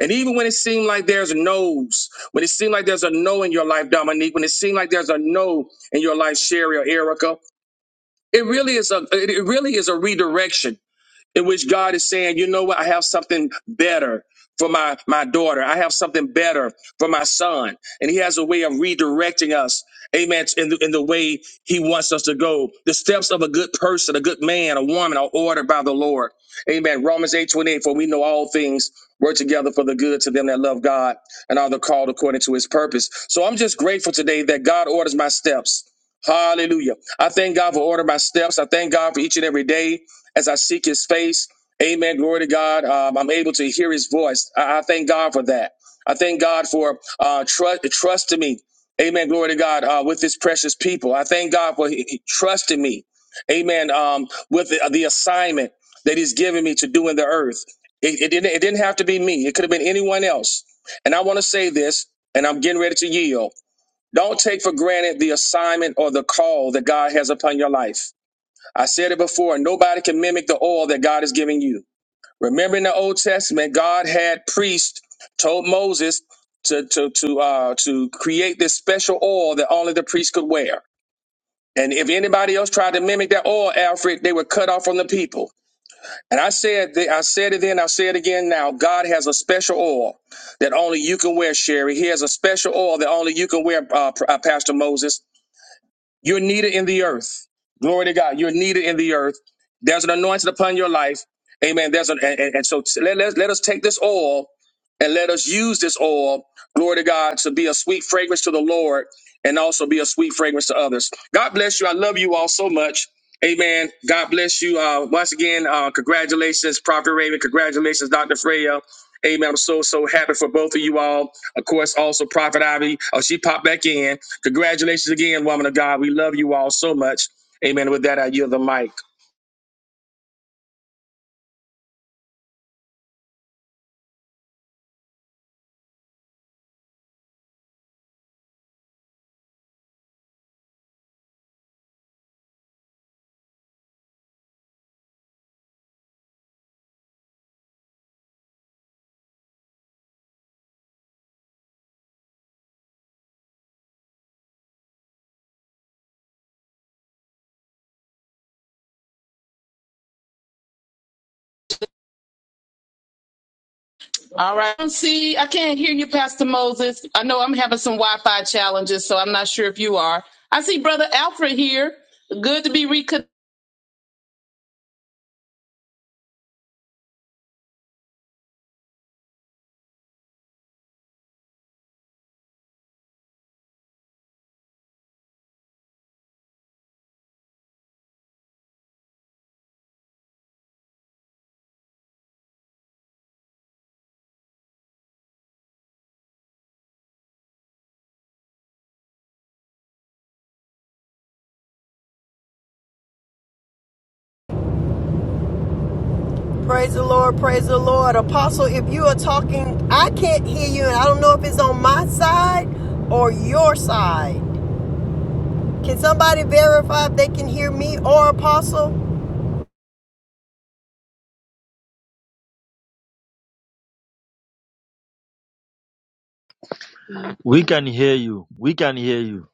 Speaker 4: And even when it seemed like there's a no's, when it seemed like there's a no in your life, Dominique, when it seemed like there's a no in your life, Sherry or Erica, it really is a it it really is a redirection in which God is saying, you know what? I have something better for my, my daughter. I have something better for my son. And he has a way of redirecting us. Amen. In the, in the way he wants us to go. The steps of a good person, a good man, a woman are ordered by the Lord. Amen. Romans eight twenty eight. for we know all things work together for the good to them that love God and are the called according to his purpose. So I'm just grateful today that God orders my steps. Hallelujah. I thank God for ordering my steps. I thank God for each and every day as I seek his face. Amen. Glory to God. Um, I'm able to hear his voice. I, I thank God for that. I thank God for uh, trust, trusting me. Amen. Glory to God uh, with his precious people. I thank God for he, he trusting me. Amen. Um, with the, the assignment that he's given me to do in the earth. It, it, didn't, it didn't have to be me, it could have been anyone else. And I want to say this, and I'm getting ready to yield. Don't take for granted the assignment or the call that God has upon your life. I said it before, nobody can mimic the oil that God is giving you. Remember in the Old Testament, God had priests told Moses to to to uh to create this special oil that only the priest could wear. And if anybody else tried to mimic that oil, Alfred, they were cut off from the people. And I said that I said it then, I say it again now. God has a special oil that only you can wear, Sherry. He has a special oil that only you can wear, uh, P- uh, Pastor Moses. You're needed in the earth. Glory to God. You're needed in the earth. There's an anointing upon your life. Amen. There's an and, and- and so let, let, let us take this oil and let us use this oil, glory to God, to be a sweet fragrance to the Lord and also be a sweet fragrance to others. God bless you. I love you all so much. Amen. God bless you. Uh, once again, uh, congratulations, Prophet Raven. Congratulations, Dr. Freya. Amen. I'm so, so happy for both of you all. Of course, also Prophet Ivy. Oh, she popped back in. Congratulations again, woman of God. We love you all so much. Amen. With that, I yield the mic.
Speaker 1: All right. I See, I can't hear you, Pastor Moses. I know I'm having some Wi Fi challenges, so I'm not sure if you are. I see Brother Alfred here. Good to be reconnected.
Speaker 2: Praise the Lord, praise the Lord. Apostle, if you are talking, I can't hear you, and I don't know if it's on my side or your side. Can somebody verify if they can hear me or Apostle?
Speaker 5: We can hear you. We can hear you.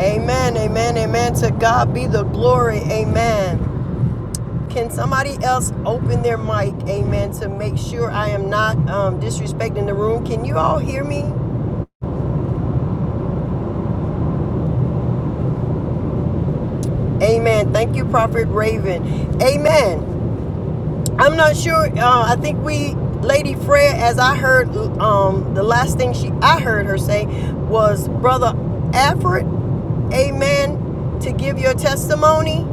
Speaker 2: Amen, amen, amen. To God be the glory. Amen. Can somebody else open their mic, amen, to make sure I am not um, disrespecting the room? Can you all hear me? Amen. Thank you, Prophet Raven. Amen. I'm not sure. Uh, I think we, Lady Fred, as I heard, um, the last thing she I heard her say was, Brother Alfred, amen, to give your testimony.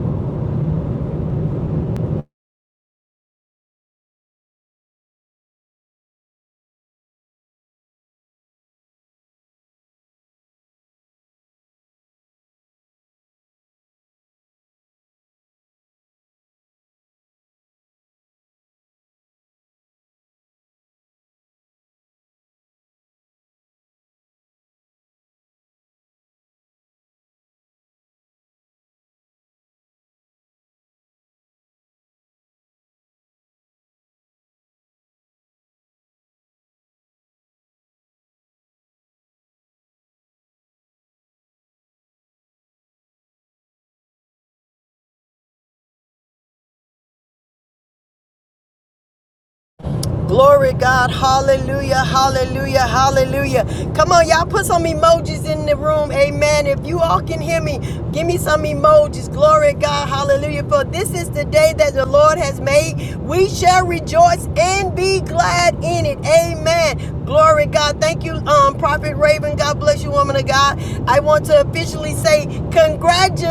Speaker 2: Glory God. Hallelujah. Hallelujah. Hallelujah. Come on, y'all put some emojis in the room. Amen. If you all can hear me, give me some emojis. Glory God. Hallelujah. For this is the day that the Lord has made. We shall rejoice and be glad in it. Amen. Glory God. Thank you, um, Prophet Raven. God bless you, woman of God. I want to officially say congratulations.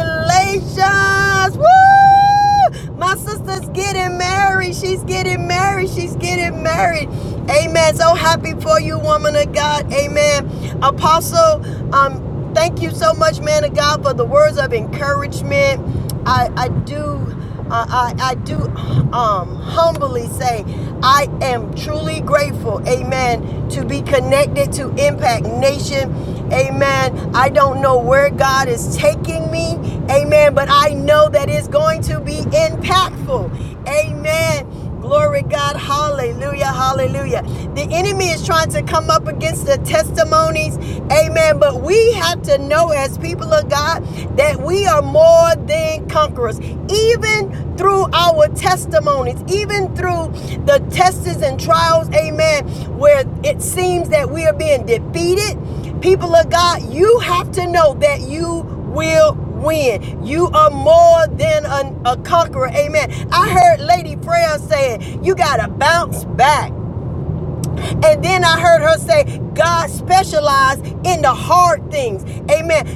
Speaker 2: Woo! My sister's getting married. She's getting married. She's getting married. Amen. So happy for you, woman of God. Amen. Apostle, um, thank you so much, man of God, for the words of encouragement. I, I do. Uh, I, I do um, humbly say I am truly grateful, amen, to be connected to Impact Nation. Amen. I don't know where God is taking me. Amen. But I know that it's going to be impactful. Amen. Glory God. Hallelujah. Hallelujah. The enemy is trying to come up against the testimonies. Amen. But we have to know as people of God that we are more than conquerors. Even through our testimonies, even through the tests and trials, amen, where it seems that we are being defeated, people of God, you have to know that you will win. You are more than an- a conqueror. Amen. I heard Lady Prayer saying, you got to bounce back. And then I heard her say, God specialized in the hard things. Amen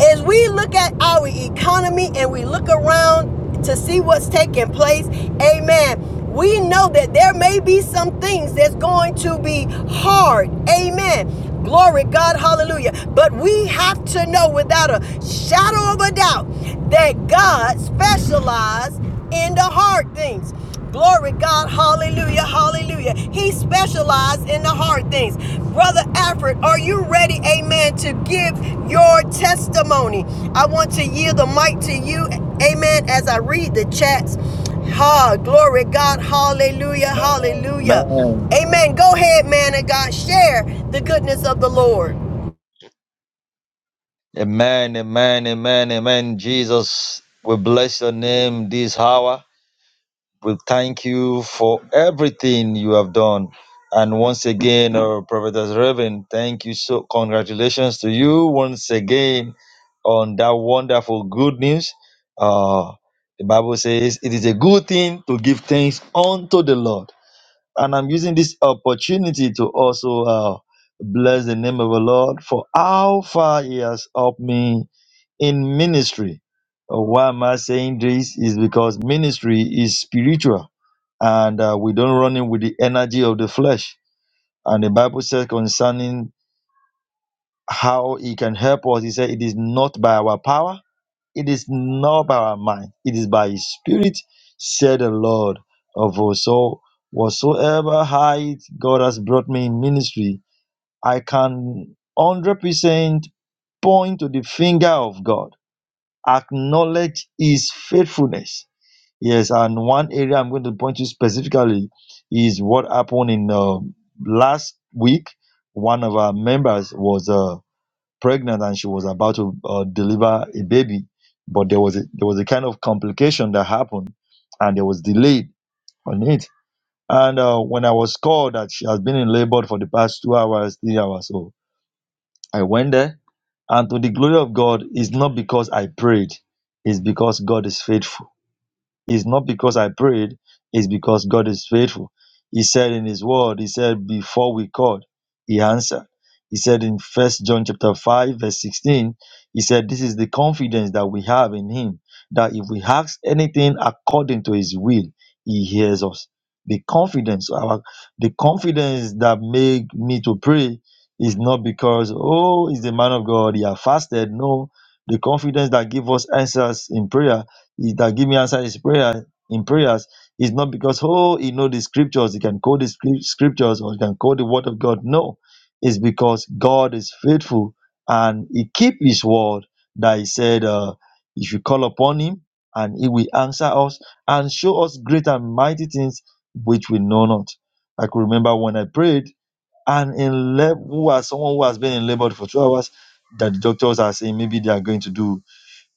Speaker 2: as we look at our economy and we look around to see what's taking place, amen. We know that there may be some things that's going to be hard, amen. Glory God, hallelujah. But we have to know without a shadow of a doubt that God specializes in the hard things. Glory God, hallelujah, hallelujah. He specialized in the hard things. Brother Alfred, are you ready, amen, to give your testimony? I want to yield the mic to you, amen, as I read the chats. Ha, glory God, hallelujah, hallelujah.
Speaker 5: Amen.
Speaker 2: Amen. Go ahead, man of God, share the goodness of the Lord.
Speaker 5: Amen. Amen. Amen. Amen. Jesus, we bless your name this hour. We thank you for everything you have done. And once again, our prophetess Reverend, thank you so congratulations to you once again on that wonderful good news. Uh the Bible says it is a good thing to give thanks unto the Lord. And I'm using this opportunity to also uh, bless the name of the Lord for how far He has helped me in ministry. Uh, Why am I saying this? Is because ministry is spiritual and uh, we don't run in with the energy of the flesh. And the Bible says concerning how He can help us, He said, It is not by our power it is not by our mind, it is by His Spirit, said the Lord of hosts. So, whatsoever height God has brought me in ministry, I can 100% point to the finger of God, acknowledge His faithfulness. Yes, and one area I'm going to point to specifically is what happened in uh, last week. One of our members was. uh, pregnant and she was about to uh, deliver a baby, but there was a, there was a kind of complication that happened, and there was delayed on it. And uh, when I was called that she has been in labor for the past two hours, three hours, so I went there. And to the glory of God, it's not because I prayed; it's because God is faithful it's not because I prayed, it's because God is faithful. He said in his word, he said, before we called, he answered. He said in first John chapter 5, verse 16, he said, This is the confidence that we have in him, that if we ask anything according to his will, he hears us. The confidence, our the confidence that made me to pray is not because, oh, he's the man of God, he has fasted. No, the confidence that gives us answers in prayer he that give me answer is prayer in prayers is not because oh he know the scriptures, he can quote the scr- scriptures or he can quote the word of God. No, it's because God is faithful and he keep his word that he said uh, if you call upon him and he will answer us and show us great and mighty things which we know not. I could remember when I prayed and in lab who was someone who has been in labor for two hours that the doctors are saying maybe they are going to do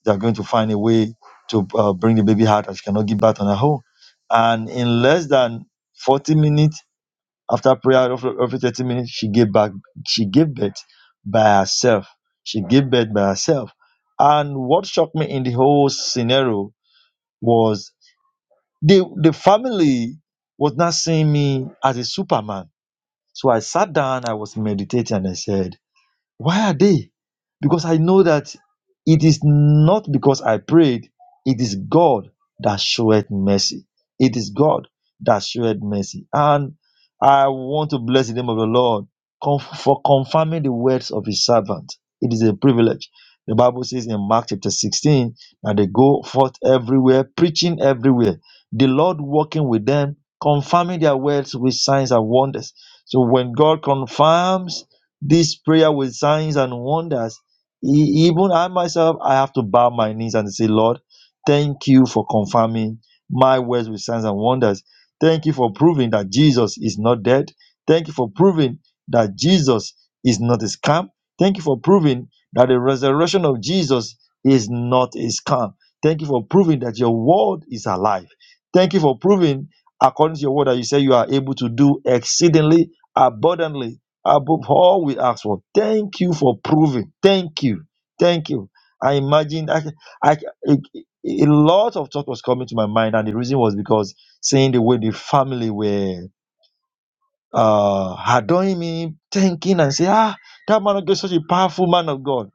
Speaker 5: they are going to find a way to uh, bring the baby out as she cannot give birth on her own. And in less than 40 minutes after prayer, roughly roughly 30 minutes, she gave back. She gave birth by herself. She gave birth by herself. And what shocked me in the whole scenario was the the family was not seeing me as a superman. So I sat down. I was meditating, and I said. Why are they? Because I know that it is not because I prayed, it is God that showed mercy. It is God that showed mercy. And I want to bless the name of the Lord con- for confirming the words of his servant. It is a privilege. The Bible says in Mark chapter 16 that they go forth everywhere, preaching everywhere, the Lord working with them, confirming their words with signs and wonders. So when God confirms, this prayer with signs and wonders. E- Even I myself, I have to bow my knees and say, Lord, thank you for confirming my words with signs and wonders. Thank you for proving that Jesus is not dead. Thank you for proving that Jesus is not a scam. Thank you for proving that the resurrection of Jesus is not a scam. Thank you for proving that your word is alive. Thank you for proving, according to your word, that you say you are able to do exceedingly abundantly Above all we ask for, thank you for proving. Thank you. Thank you. I imagine I, I, a, a lot of thought was coming to my mind, and the reason was because seeing the way the family were uh, adoring him, thanking and say, ah, that man of God is such a powerful man of God.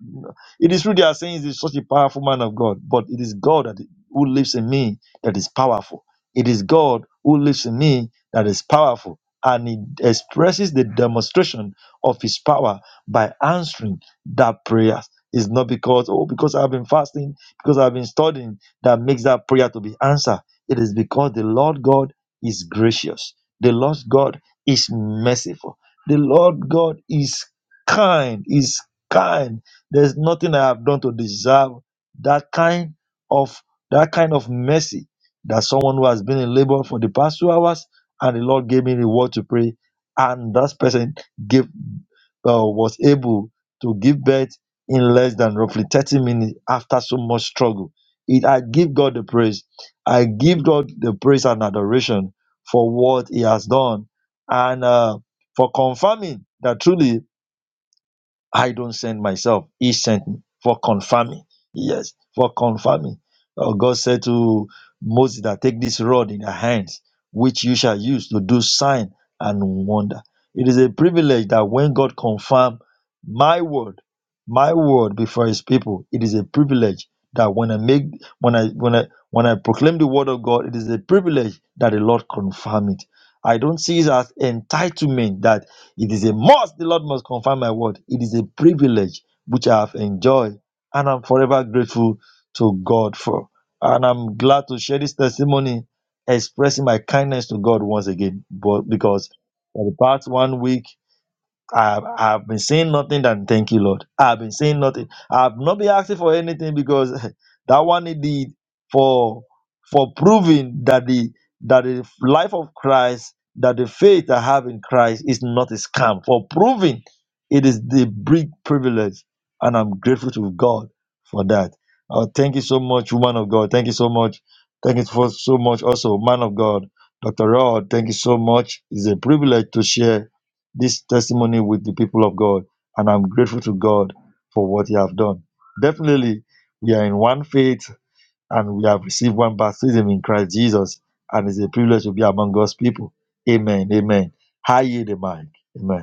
Speaker 5: It is true they are saying he's such a powerful man of God, but it is God that who lives in me that is powerful. It is God who lives in me that is powerful. And he expresses the demonstration of his power by answering that prayer. It's not because, oh, because I've been fasting, because I've been studying, that makes that prayer to be answered. It is because the Lord God is gracious. The Lord God is merciful. The Lord God is kind, is kind. There's nothing I have done to deserve that kind of that kind of mercy that someone who has been in labor for the past two hours and the Lord gave me the word to pray, and that person gave uh, was able to give birth in less than roughly 30 minutes after so much struggle. It, I give God the praise. I give God the praise and adoration for what He has done and uh, for confirming that truly I don't send myself. He sent me for confirming. Yes, for confirming. Uh, God said to Moses that take this rod in your hands, which you shall use to do sign and wonder. It is a privilege that when God confirm my word, my word before his people, it is a privilege that when I make when I when I when I proclaim the word of God, it is a privilege that the Lord confirm it. I don't see it as entitlement that. It is a must, the Lord must confirm my word. It is a privilege which I have enjoyed, and I'm forever grateful to God for. And I'm glad to share this testimony, expressing my kindness to God once again. But because for the past one week, I've, I've been saying nothing than thank you, Lord. I've been saying nothing. I've not been asking for anything because that one he did for for proving that the that the life of Christ, that the faith I have in Christ is not a scam. For proving it is the big privilege, and I'm grateful to God for that. Oh, thank you so much, woman of God. Thank you so much. Thank you for so much, also, man of God, Dr. Rod. Thank you so much. It's a privilege to share this testimony with the people of God, and I'm grateful to God for what He have done. Definitely, we are in one faith and we have received one baptism in Christ Jesus, and it's a privilege to be among God's people. Amen. Amen. High yield the mic. Amen.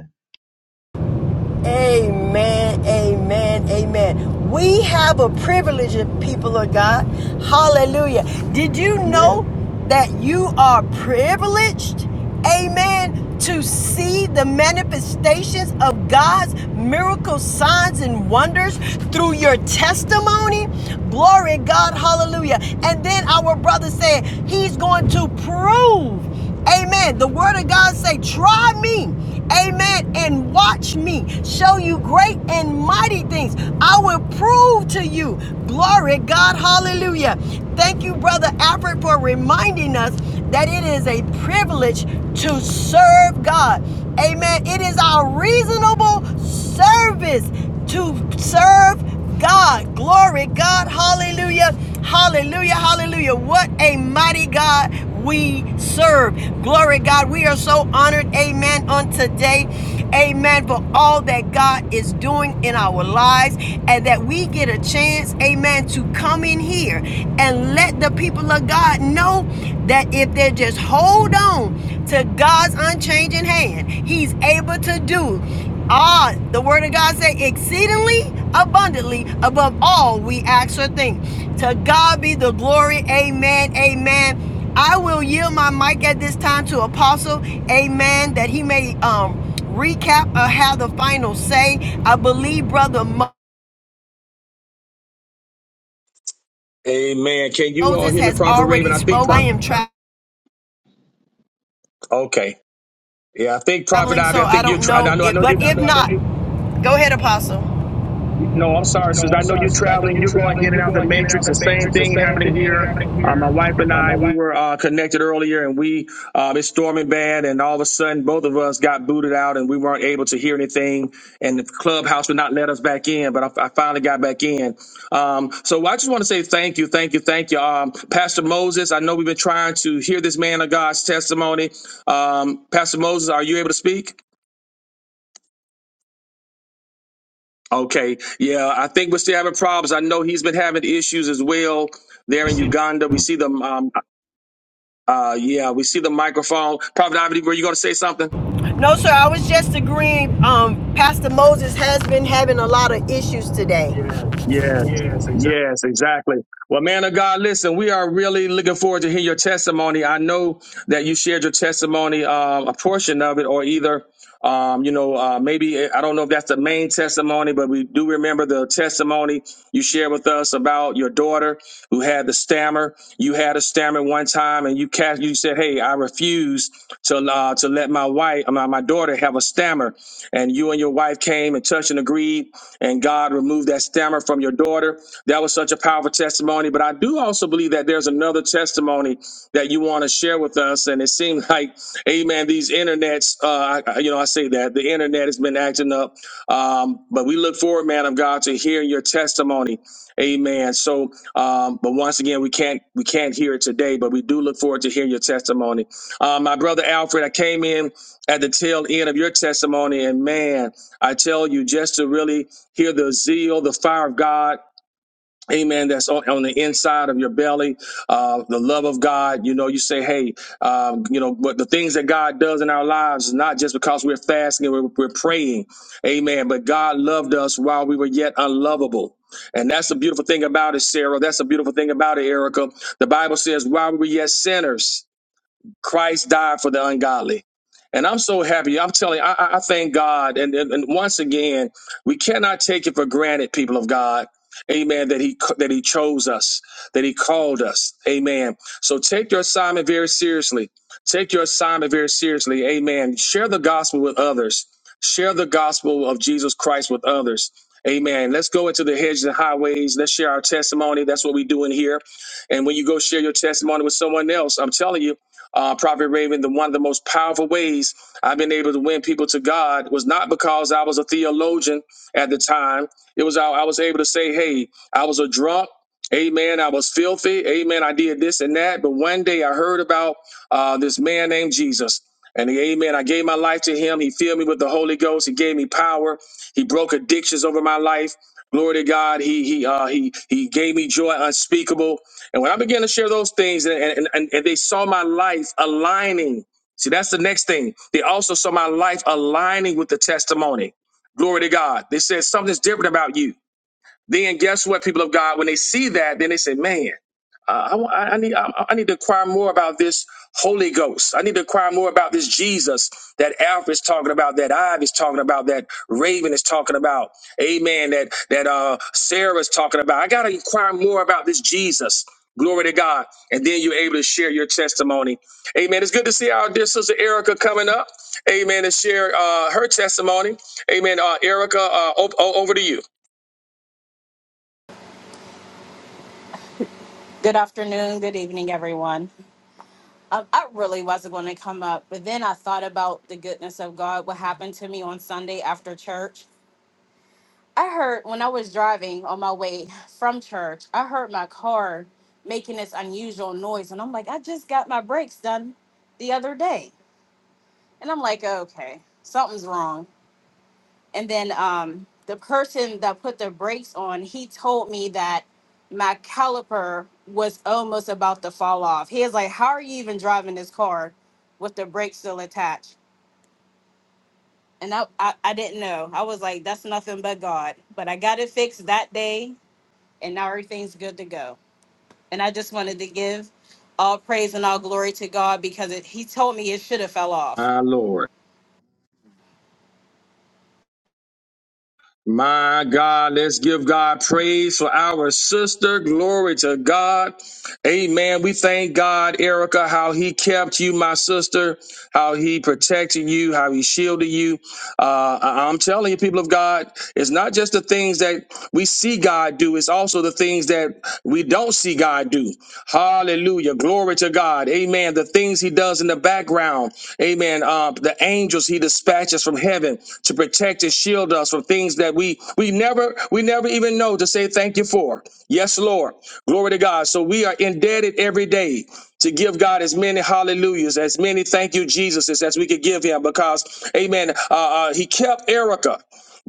Speaker 2: Amen, amen, amen. We have a privilege, people of God. Hallelujah. Did you know that you are privileged? Amen. To see the manifestations of God's miracles, signs, and wonders through your testimony. Glory, God. Hallelujah. And then our brother said he's going to prove. Amen. The word of God say, try me. Amen. And watch me show you great and mighty things. I will prove to you. Glory God. Hallelujah. Thank you, Brother Alfred, for reminding us that it is a privilege to serve God. Amen. It is our reasonable service service to serve God. Glory God. Hallelujah. Hallelujah. Hallelujah. What a mighty God we serve. Glory God. We are so honored. Amen. On today. Amen. For all that God is doing in our lives and that we get a chance, amen, to come in here and let the people of God know that if they just hold on to God's unchanging hand, He's able to do Ah, the word of God say exceedingly abundantly above all we ask or think. To God be the glory. Amen. Amen. I will yield my mic at this time to Apostle. Amen. That he may um recap or have the final say. I believe Brother
Speaker 4: Amen. Can you all
Speaker 2: Moses
Speaker 4: hear me,
Speaker 2: has
Speaker 4: Prophet Raven?
Speaker 2: already
Speaker 4: I think.
Speaker 2: spoken. I
Speaker 4: Prophet,
Speaker 2: am
Speaker 4: okay. Yeah, I think Prophet
Speaker 2: traveling, so
Speaker 4: Ivy. I
Speaker 2: I
Speaker 4: think you're.
Speaker 2: don't
Speaker 4: trying. I
Speaker 2: know
Speaker 4: know. I
Speaker 2: if
Speaker 4: know you're
Speaker 2: but No, if no, not, go ahead, Apostle.
Speaker 4: No, I'm sorry,
Speaker 2: No,
Speaker 4: sis.
Speaker 2: I'm
Speaker 4: I know
Speaker 2: sorry,
Speaker 4: you're
Speaker 2: sis. I know
Speaker 4: traveling.
Speaker 2: you're
Speaker 4: You're going in
Speaker 2: traveling.
Speaker 4: and
Speaker 2: You're
Speaker 4: out the
Speaker 2: going in and out
Speaker 4: matrix.
Speaker 2: the
Speaker 4: The same
Speaker 2: matrix. The
Speaker 4: thing
Speaker 2: same
Speaker 4: happening
Speaker 2: thing
Speaker 4: here.
Speaker 2: happening
Speaker 4: Uh,
Speaker 2: here.
Speaker 4: my wife and
Speaker 2: Um, my
Speaker 4: I, we
Speaker 2: wife
Speaker 4: were uh, connected earlier, and we uh, it's storming bad, and all of a sudden, both of us got booted out, and we weren't able to hear anything, and the clubhouse would not let us back in. But I, I finally got back in. Um, so I just want to say thank you, thank you, thank you, um, Pastor Moses. I know we've been trying to hear this man of God's testimony. Um, Pastor Moses, are you able to speak? Okay, yeah, I think we're still having problems. I know he's been having issues as well there in Uganda. We see them. Um, uh, yeah, we see the microphone. Prophet Ivy, were you going to say something?
Speaker 2: No, sir. I was just agreeing. Um, Pastor Moses has been having a lot of issues today. Yes,
Speaker 4: Yeah,
Speaker 2: yes, exactly.
Speaker 4: yes, exactly. Well, man of God, listen, we are really looking forward to hear your testimony. I know that you shared your testimony, um, a portion of it, or either, um, you know, uh, maybe I don't know if that's the main testimony, but we do remember the testimony You shared with us about your daughter who had the stammer. You had a stammer one time, and you cast. You said, "Hey, I refuse to uh, to let my wife, my, my daughter, have a stammer." And you and your wife came and touched and agreed, and God removed that stammer from your daughter. That was such a powerful testimony. But I do also believe that there's another testimony that you want to share with us, and it seems like, Amen. These internets, uh, I- I- you know, I say that the internet has been acting up. Um, but we look forward, man of God, to hearing your testimony. Amen. So, um, but once again, we can't we can't hear it today, but we do look forward to hearing your testimony. Um, my brother Alfred, I came in at the tail end of your testimony, and man, I tell you, just to really hear the zeal, the fire of God Amen. That's on, on the inside of your belly. Uh, the love of God. You know, you say, hey, um, you know, but the things that God does in our lives is not just because we're fasting and we're, we're praying. Amen. But God loved us while we were yet unlovable. And that's the beautiful thing about it, Sarah. That's the beautiful thing about it, Erica. The Bible says, while we were yet sinners. Christ died for the ungodly. And I'm so happy. I'm telling you, I, I I thank God. And, and, and once again, we cannot take it for granted, people of God. Amen. That he that he chose us, that he called us. Amen. So take your assignment very seriously. Take your assignment very seriously. Amen. Share the gospel with others. Share the gospel of Jesus Christ with others. Amen. Let's go into the hedges and highways. Let's share our testimony. That's what we do in here. And when you go share your testimony with someone else, I'm telling you, uh, Prophet Raven, the one of the most powerful ways I've been able to win people to God was not because I was a theologian at the time. It was I, I was able to say, hey, I was a drunk. Amen. I was filthy. Amen. I did this and that. But one day I heard about uh, this man named Jesus. And he- amen. I gave my life to him. He filled me with the Holy Ghost. He gave me power. He broke addictions over my life. Glory to God. He he uh, he he gave me joy unspeakable. And when I began to share those things and, and, and, and they saw my life aligning, see, that's the next thing. They also saw my life aligning with the testimony. Glory to God. They said something's different about you. Then guess what, people of God, when they see that, then they say, "Man, uh, I, wa- I I need I, I need to acquire more about this Holy Ghost. I need to acquire more about this Jesus that Alpha is talking about, that Ive is talking about, that Raven is talking about, Amen. That that uh, Sarah is talking about. I got to inquire more about this Jesus." Glory to God. And then you're able to share your testimony. Amen. It's good to see our dear sister Erica coming up. Amen. To share uh, her testimony. Amen. Uh, Erica, uh, o- o- over to you.
Speaker 6: Good afternoon, good evening, everyone. Um, I really wasn't going to come up, but then I thought about the goodness of God, what happened to me on Sunday after church. I heard when I was driving on my way from church, I heard my car making this unusual noise. And I'm like, I just got my brakes done the other day. And I'm like, okay, something's wrong. and then um, the person that put the brakes on, he told me that my caliper was almost about to fall off. He was like, "How are you even driving this car with the brakes still attached?" And I, I, I didn't know. I was like, "That's nothing but God." But I got it fixed that day, and now everything's good to go. And I just wanted to give all praise and all glory to God because it, he told me it should have fell off
Speaker 4: My Lord. My God, let's give God praise for our sister. Glory to God. Amen. We thank God, Erica, how he kept you, my sister, how he protected you, how he shielded you. Uh, I- I'm telling you, people of God, it's not just the things that we see God do, it's also the things that we don't see God do. Hallelujah. Glory to God. Amen. The things he does in the background. Amen. Uh, the angels he dispatches from heaven to protect and shield us from things that we we never we never even know to say thank you for. Yes, Lord. Glory to God. So we are indebted every day to give God as many hallelujahs, as many thank you Jesuses as we could give him because, amen, uh, uh, he kept Erica.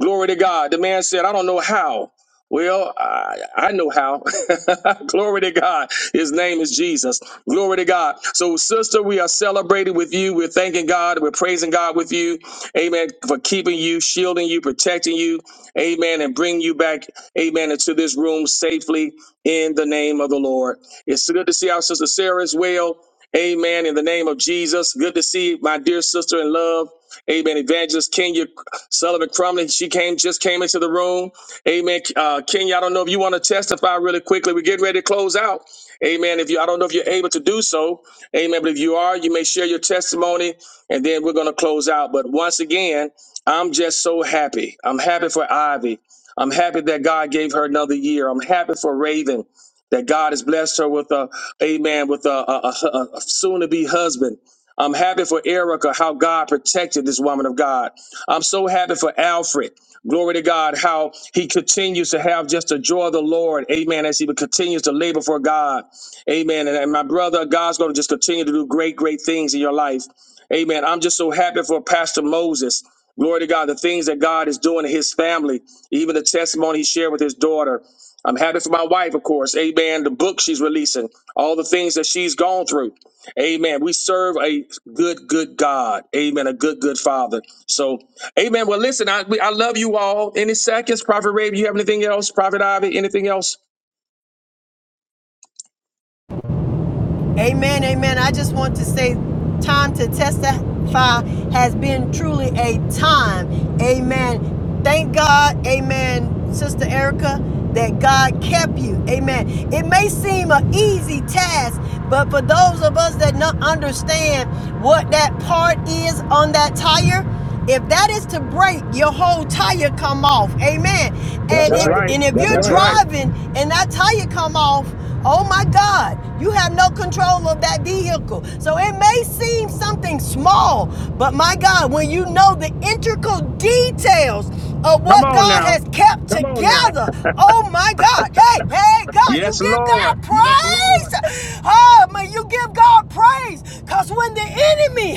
Speaker 4: Glory to God. The man said, I don't know how. Well, I, I know how. Glory to God. His name is Jesus. Glory to God. So, sister, we are celebrating with you. We're thanking God. We're praising God with you. Amen. For keeping you, shielding you, protecting you. Amen. And bringing you back, amen, into this room safely in the name of the Lord. It's good to see our sister Sarah as well. Amen. In the name of Jesus. Good to see my dear sister in love. Amen. Evangelist Kenya Sullivan Crumley. She came, just came into the room. Amen. Uh, Kenya, I don't know if you want to testify really quickly. We're getting ready to close out. Amen. If you, I don't know if you're able to do so. Amen. But if you are, you may share your testimony and then we're going to close out. But once again, I'm just so happy. I'm happy for Ivy. I'm happy that God gave her another year. I'm happy for Raven that God has blessed her with a, amen, with a, a, a, a soon to be husband. I'm happy for Erica, how God protected this woman of God. I'm so happy for Alfred. Glory to God, how he continues to have just the joy of the Lord. Amen. As he continues to labor for God. Amen. And, and my brother, God's going to just continue to do great, great things in your life. Amen. I'm just so happy for Pastor Moses. Glory to God, the things that God is doing in his family, even the testimony he shared with his daughter. I'm happy for my wife, of course. Amen. The book she's releasing, all the things that she's gone through. Amen. We serve a good, good God. Amen. A good, good Father. So Amen. Well, listen, I we, I love you all. Any seconds, Prophet Raven, you have anything else? Prophet Ivy, anything else?
Speaker 2: Amen. Amen. I just want to say, time to testify has been truly a time. Amen. Thank God. Amen. Sister Erica, that God kept you. Amen. It may seem an easy task, but for those of us that not understand what that part is on that tire, If that is to break, your whole tire come off. Amen. That's And right.
Speaker 4: That's
Speaker 2: if, right.
Speaker 4: right.
Speaker 2: and if That's you're
Speaker 4: That's right.
Speaker 2: right. driving and that tire come off, oh my God, you have no control of that vehicle. So it may seem something small, but my God, when you know the integral details of
Speaker 4: Come
Speaker 2: what
Speaker 4: on
Speaker 2: God
Speaker 4: now.
Speaker 2: has kept Come on together, on, oh my God, hey, hey, God, you
Speaker 4: Yes,
Speaker 2: give
Speaker 4: Lord.
Speaker 2: God praise. Oh, may you give God praise. Because when the enemy,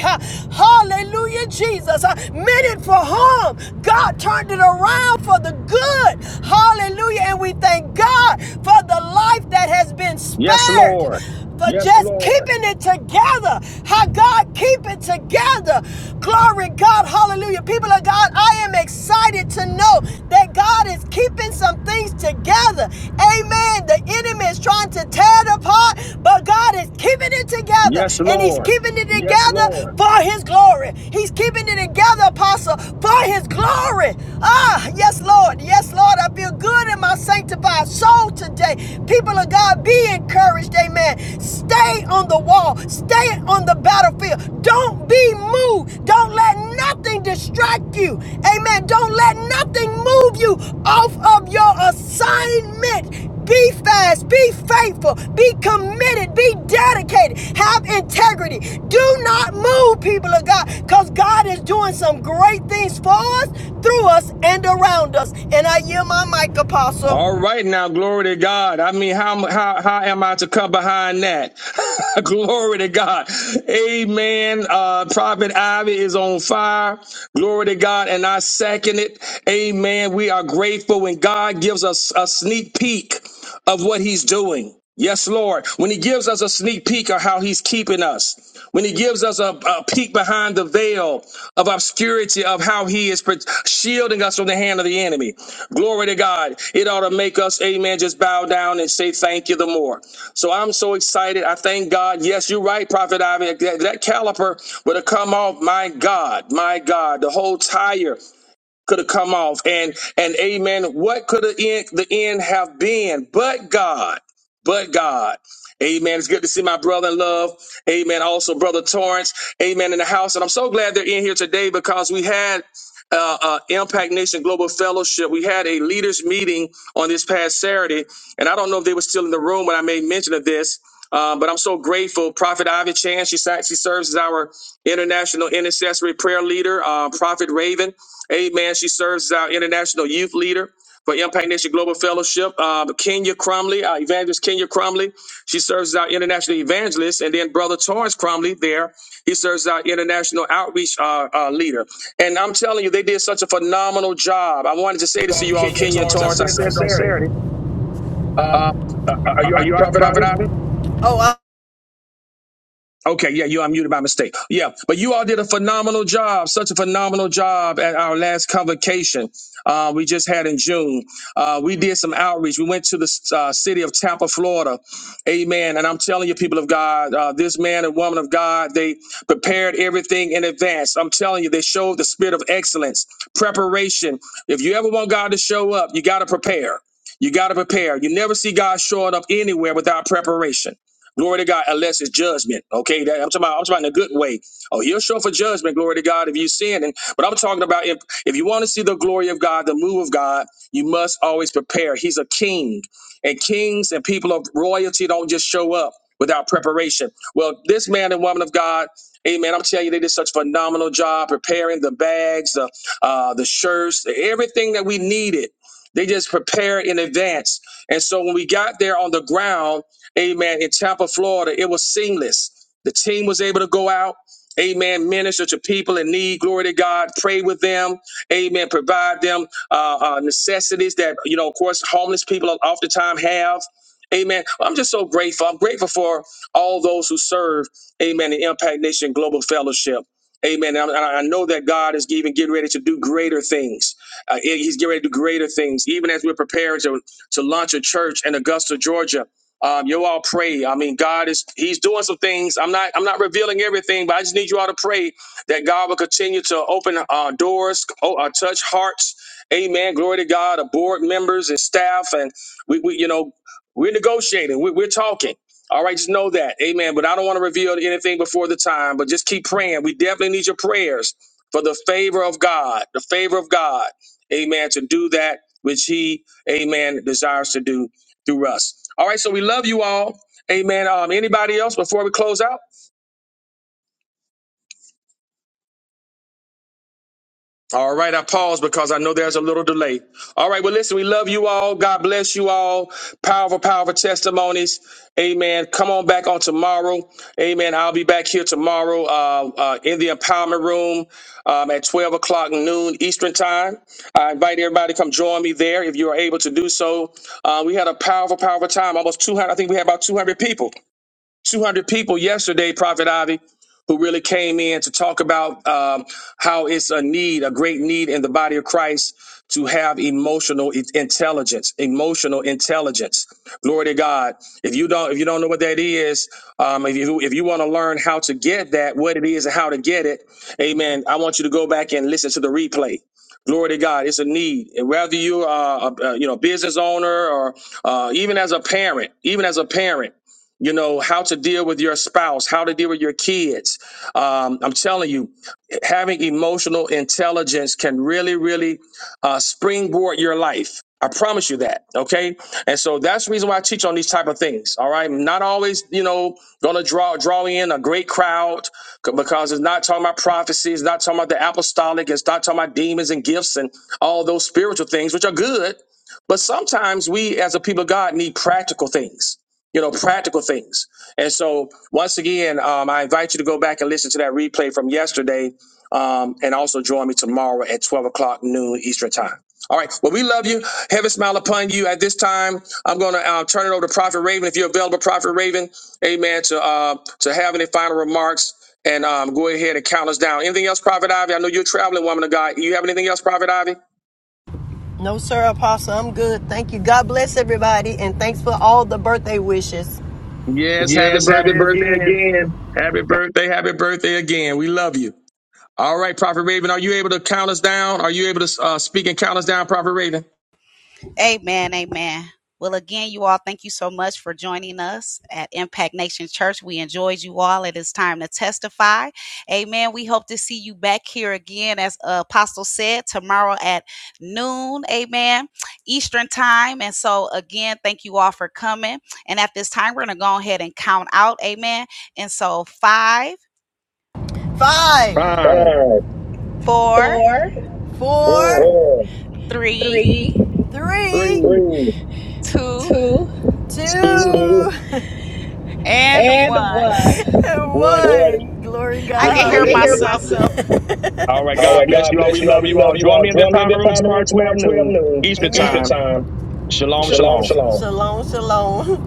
Speaker 2: huh, hallelujah, Jesus, uh, meant it for harm, God turned it around for the good. Hallelujah. And we thank God for the life that has been
Speaker 4: Yes, Lord.
Speaker 2: spared for Yes, just Lord. keeping it together. How God keep it together. Glory God, hallelujah. People of God, I am excited to know that God is keeping some things together. Amen. The enemy is trying to tear it apart, but God is keeping it together.
Speaker 4: Yes,
Speaker 2: And he's
Speaker 4: Lord.
Speaker 2: keeping it Yes, together Lord. for his glory. He's keeping it together, apostle, for his glory. Ah, yes, Lord. Yes, Lord. I feel good in my sanctified soul today. People people of God, be encouraged, amen. Stay on the wall, stay on the battlefield. Don't be moved. Don't let nothing distract you, amen. Don't let nothing move you off of your assignment. Be fast, be faithful, be committed, be dedicated, have integrity. Do not move, people of God, because God is doing some great things for us, through us, and around us. And I yield my mic, Apostle.
Speaker 4: All right now, glory to God. I mean, how how how am I to come behind that? glory to God. Amen. Uh Prophet Ivy is on fire. Glory to God. And I second it. Amen. We are grateful when God gives us a sneak peek of what he's doing. Yes, Lord. When He gives us a sneak peek of how He's keeping us, when He gives us a, a peek behind the veil of obscurity of how he is pro- shielding us from the hand of the enemy. Glory to God. It ought to make us, amen, just bow down and say thank you the more. So I'm so excited. I thank God. Yes, you're right, Prophet Ivy. That, that caliper would have come off. My God, my God, the whole tire could have come off and and amen what could have end, the end have been but god but god amen it's good to see my brother in love amen also brother torrance amen in the house and i'm so glad they're in here today because we had uh, uh, Impact Nation Global Fellowship. We had a leaders meeting on this past Saturday, and I don't know if they were still in the room when I made mention of this, uh, but I'm so grateful. Prophet Ivy Chan, she, sa- she serves as our international intercessory prayer leader. Uh, Prophet Raven, Amen. She serves as our international youth leader for Impact Nation Global Fellowship. Um, Kenya Cromley, our evangelist Kenya Cromley, she serves as our international evangelist. And then Brother Torrance Cromley there, he serves as our international outreach uh, uh, leader. And I'm telling you, they did such a phenomenal job. I wanted to say this to
Speaker 2: um,
Speaker 4: you all,
Speaker 2: Kenya
Speaker 4: Kenya
Speaker 2: Torrance. I
Speaker 4: Torrance. I
Speaker 2: said it
Speaker 4: said
Speaker 2: on
Speaker 4: it on
Speaker 2: Saturday.
Speaker 4: Saturday. Uh,
Speaker 2: Um, uh,
Speaker 4: uh,
Speaker 2: are you
Speaker 4: are
Speaker 2: all
Speaker 4: you
Speaker 2: right,
Speaker 4: all right,
Speaker 2: Prophet
Speaker 4: Prophet
Speaker 2: Ivy?
Speaker 4: Ivy?
Speaker 2: Oh, I,
Speaker 4: Okay, yeah, you unmuted by mistake. Yeah, but you all did a phenomenal job, such a phenomenal job at our last convocation uh, we just had in June. Uh, we did some outreach. We went to the uh, city of Tampa, Florida. Amen. And I'm telling you, people of God, uh, this man and woman of God, they prepared everything in advance. I'm telling you, they showed the spirit of excellence, preparation. If you ever want God to show up, you got to prepare. You got to prepare. You never see God showing up anywhere without preparation. Glory to God, unless it's judgment. Okay, that, I'm talking about. I'm talking about in a good way. Oh, he'll show for judgment. Glory to God if you sin. And but I'm talking about if if you want to see the glory of God, the move of God, you must always prepare. He's a king, and kings and people of royalty don't just show up without preparation. Well, this man and woman of God. Amen. I'm telling you, they did such a phenomenal job preparing the bags, the uh, the shirts, everything that we needed. They just prepared in advance. And so when we got there on the ground, Amen. In Tampa, Florida, it was seamless. The team was able to go out. Amen. Minister to people in need. Glory to God. Pray with them. Amen. Provide them uh, uh, necessities that, you know, of course, homeless people oftentimes have. Amen. I'm just so grateful. I'm grateful for all those who serve. Amen. The Impact Nation Global Fellowship. Amen. And I, I know that God is even getting ready to do greater things. Uh, he- he's getting ready to do greater things, even as we're preparing to, to launch a church in Augusta, Georgia. Um, you all pray. I mean, God is He's doing some things. I'm not I'm not revealing everything, but I just need you all to pray that God will continue to open uh, doors, oh, uh, touch hearts. Amen. Glory to God. Of board members and staff, and we, we you know we're negotiating. We, we're talking. All right, just know that. Amen. But I don't want to reveal anything before the time. But just keep praying. We definitely need your prayers for the favor of God. The favor of God. Amen. To do that which He, Amen, desires to do through us. All right, so we love you all. Amen. Um, anybody else before we close out? All right, I pause because I know there's a little delay. All right, well, listen, we love you all. God bless you all. Powerful, powerful testimonies. Amen. Come on back on tomorrow. Amen. I'll be back here tomorrow uh, uh, in the empowerment room um, at 12 o'clock noon Eastern time. I invite everybody to come join me there if you are able to do so. Uh, we had a powerful, powerful time. Almost 200, I think we had about 200 people. 200 people yesterday, Prophet Ivy, who really came in to talk about um, how it's a need, a great need in the body of Christ to have emotional i- intelligence, emotional intelligence. Glory to God. If you don't, if you don't know what that is, um, if you if you want to learn how to get that, what it is and how to get it, Amen. I want you to go back and listen to the replay. Glory to God. It's a need, and whether you are a, a you know business owner or uh, even as a parent, even as a parent you know how to deal with your spouse how to deal with your kids um, i'm telling you having emotional intelligence can really really uh, springboard your life i promise you that okay and so that's the reason why i teach on these type of things all right I'm not always you know gonna draw draw in a great crowd c- because it's not talking about prophecy it's not talking about the apostolic it's not talking about demons and gifts and all those spiritual things which are good but sometimes we as a people of god need practical things you know, practical things. And so, once again, um, I invite you to go back and listen to that replay from yesterday, um, and also join me tomorrow at twelve o'clock noon Eastern time. All right. Well, we love you. Heaven smile upon you. At this time, I'm going to uh, turn it over to Prophet Raven. If you're available, Prophet Raven, Amen. To uh, to have any final remarks and um, go ahead and count us down. Anything else, Prophet Ivy? I know you're a traveling woman of God. You have anything else, Prophet Ivy?
Speaker 2: no, sir, Apostle. I'm good. Thank you. God bless everybody, and thanks for all the birthday wishes.
Speaker 4: Yes. Happy
Speaker 2: Yes, happy
Speaker 4: birthday
Speaker 2: birthday
Speaker 4: again.
Speaker 2: again.
Speaker 4: Happy birthday. Happy birthday again. We love you. All right, Prophet Raven, are you able to count us down? Are you able to uh, speak and count us down, Prophet Raven?
Speaker 3: Amen. Amen. Well, again, you all, thank you so much for joining us at Impact Nation Church. We enjoyed you all. It is time to testify. Amen. We hope to see you back here again, as uh, Apostle said, tomorrow at noon. Amen. Eastern time. And so, again, thank you all for coming. And at this time, we're going to go ahead and count out. Amen. And so, five,
Speaker 2: Five,
Speaker 4: Five,
Speaker 2: Five,
Speaker 3: four,
Speaker 2: Four, four,
Speaker 4: four,
Speaker 2: four,
Speaker 3: three,
Speaker 2: three, three,
Speaker 4: three,
Speaker 2: three,
Speaker 3: two,
Speaker 2: two, two,
Speaker 4: two,
Speaker 2: two,
Speaker 3: and
Speaker 2: and
Speaker 3: one.
Speaker 2: one. and one.
Speaker 4: one.
Speaker 2: one. Glory God.
Speaker 3: I can
Speaker 2: I can
Speaker 3: hear
Speaker 2: hear
Speaker 3: myself.
Speaker 2: myself
Speaker 4: All right.
Speaker 2: All
Speaker 4: God
Speaker 2: right,
Speaker 4: bless
Speaker 2: God
Speaker 4: you all.
Speaker 2: bless
Speaker 4: We
Speaker 2: you all.
Speaker 4: love
Speaker 2: We
Speaker 4: you all.
Speaker 2: love you
Speaker 4: Join
Speaker 2: all.
Speaker 4: me in the
Speaker 2: Join me in the
Speaker 4: primary room
Speaker 2: primary
Speaker 4: tomorrow,
Speaker 2: room
Speaker 4: 12
Speaker 2: tomorrow, 12
Speaker 4: noon
Speaker 2: noon
Speaker 4: Eastern
Speaker 2: Amen.
Speaker 4: time.
Speaker 2: Eastern Amen. time.
Speaker 4: Shalom,
Speaker 2: Shalom,
Speaker 4: shalom.
Speaker 2: shalom. shalom, shalom.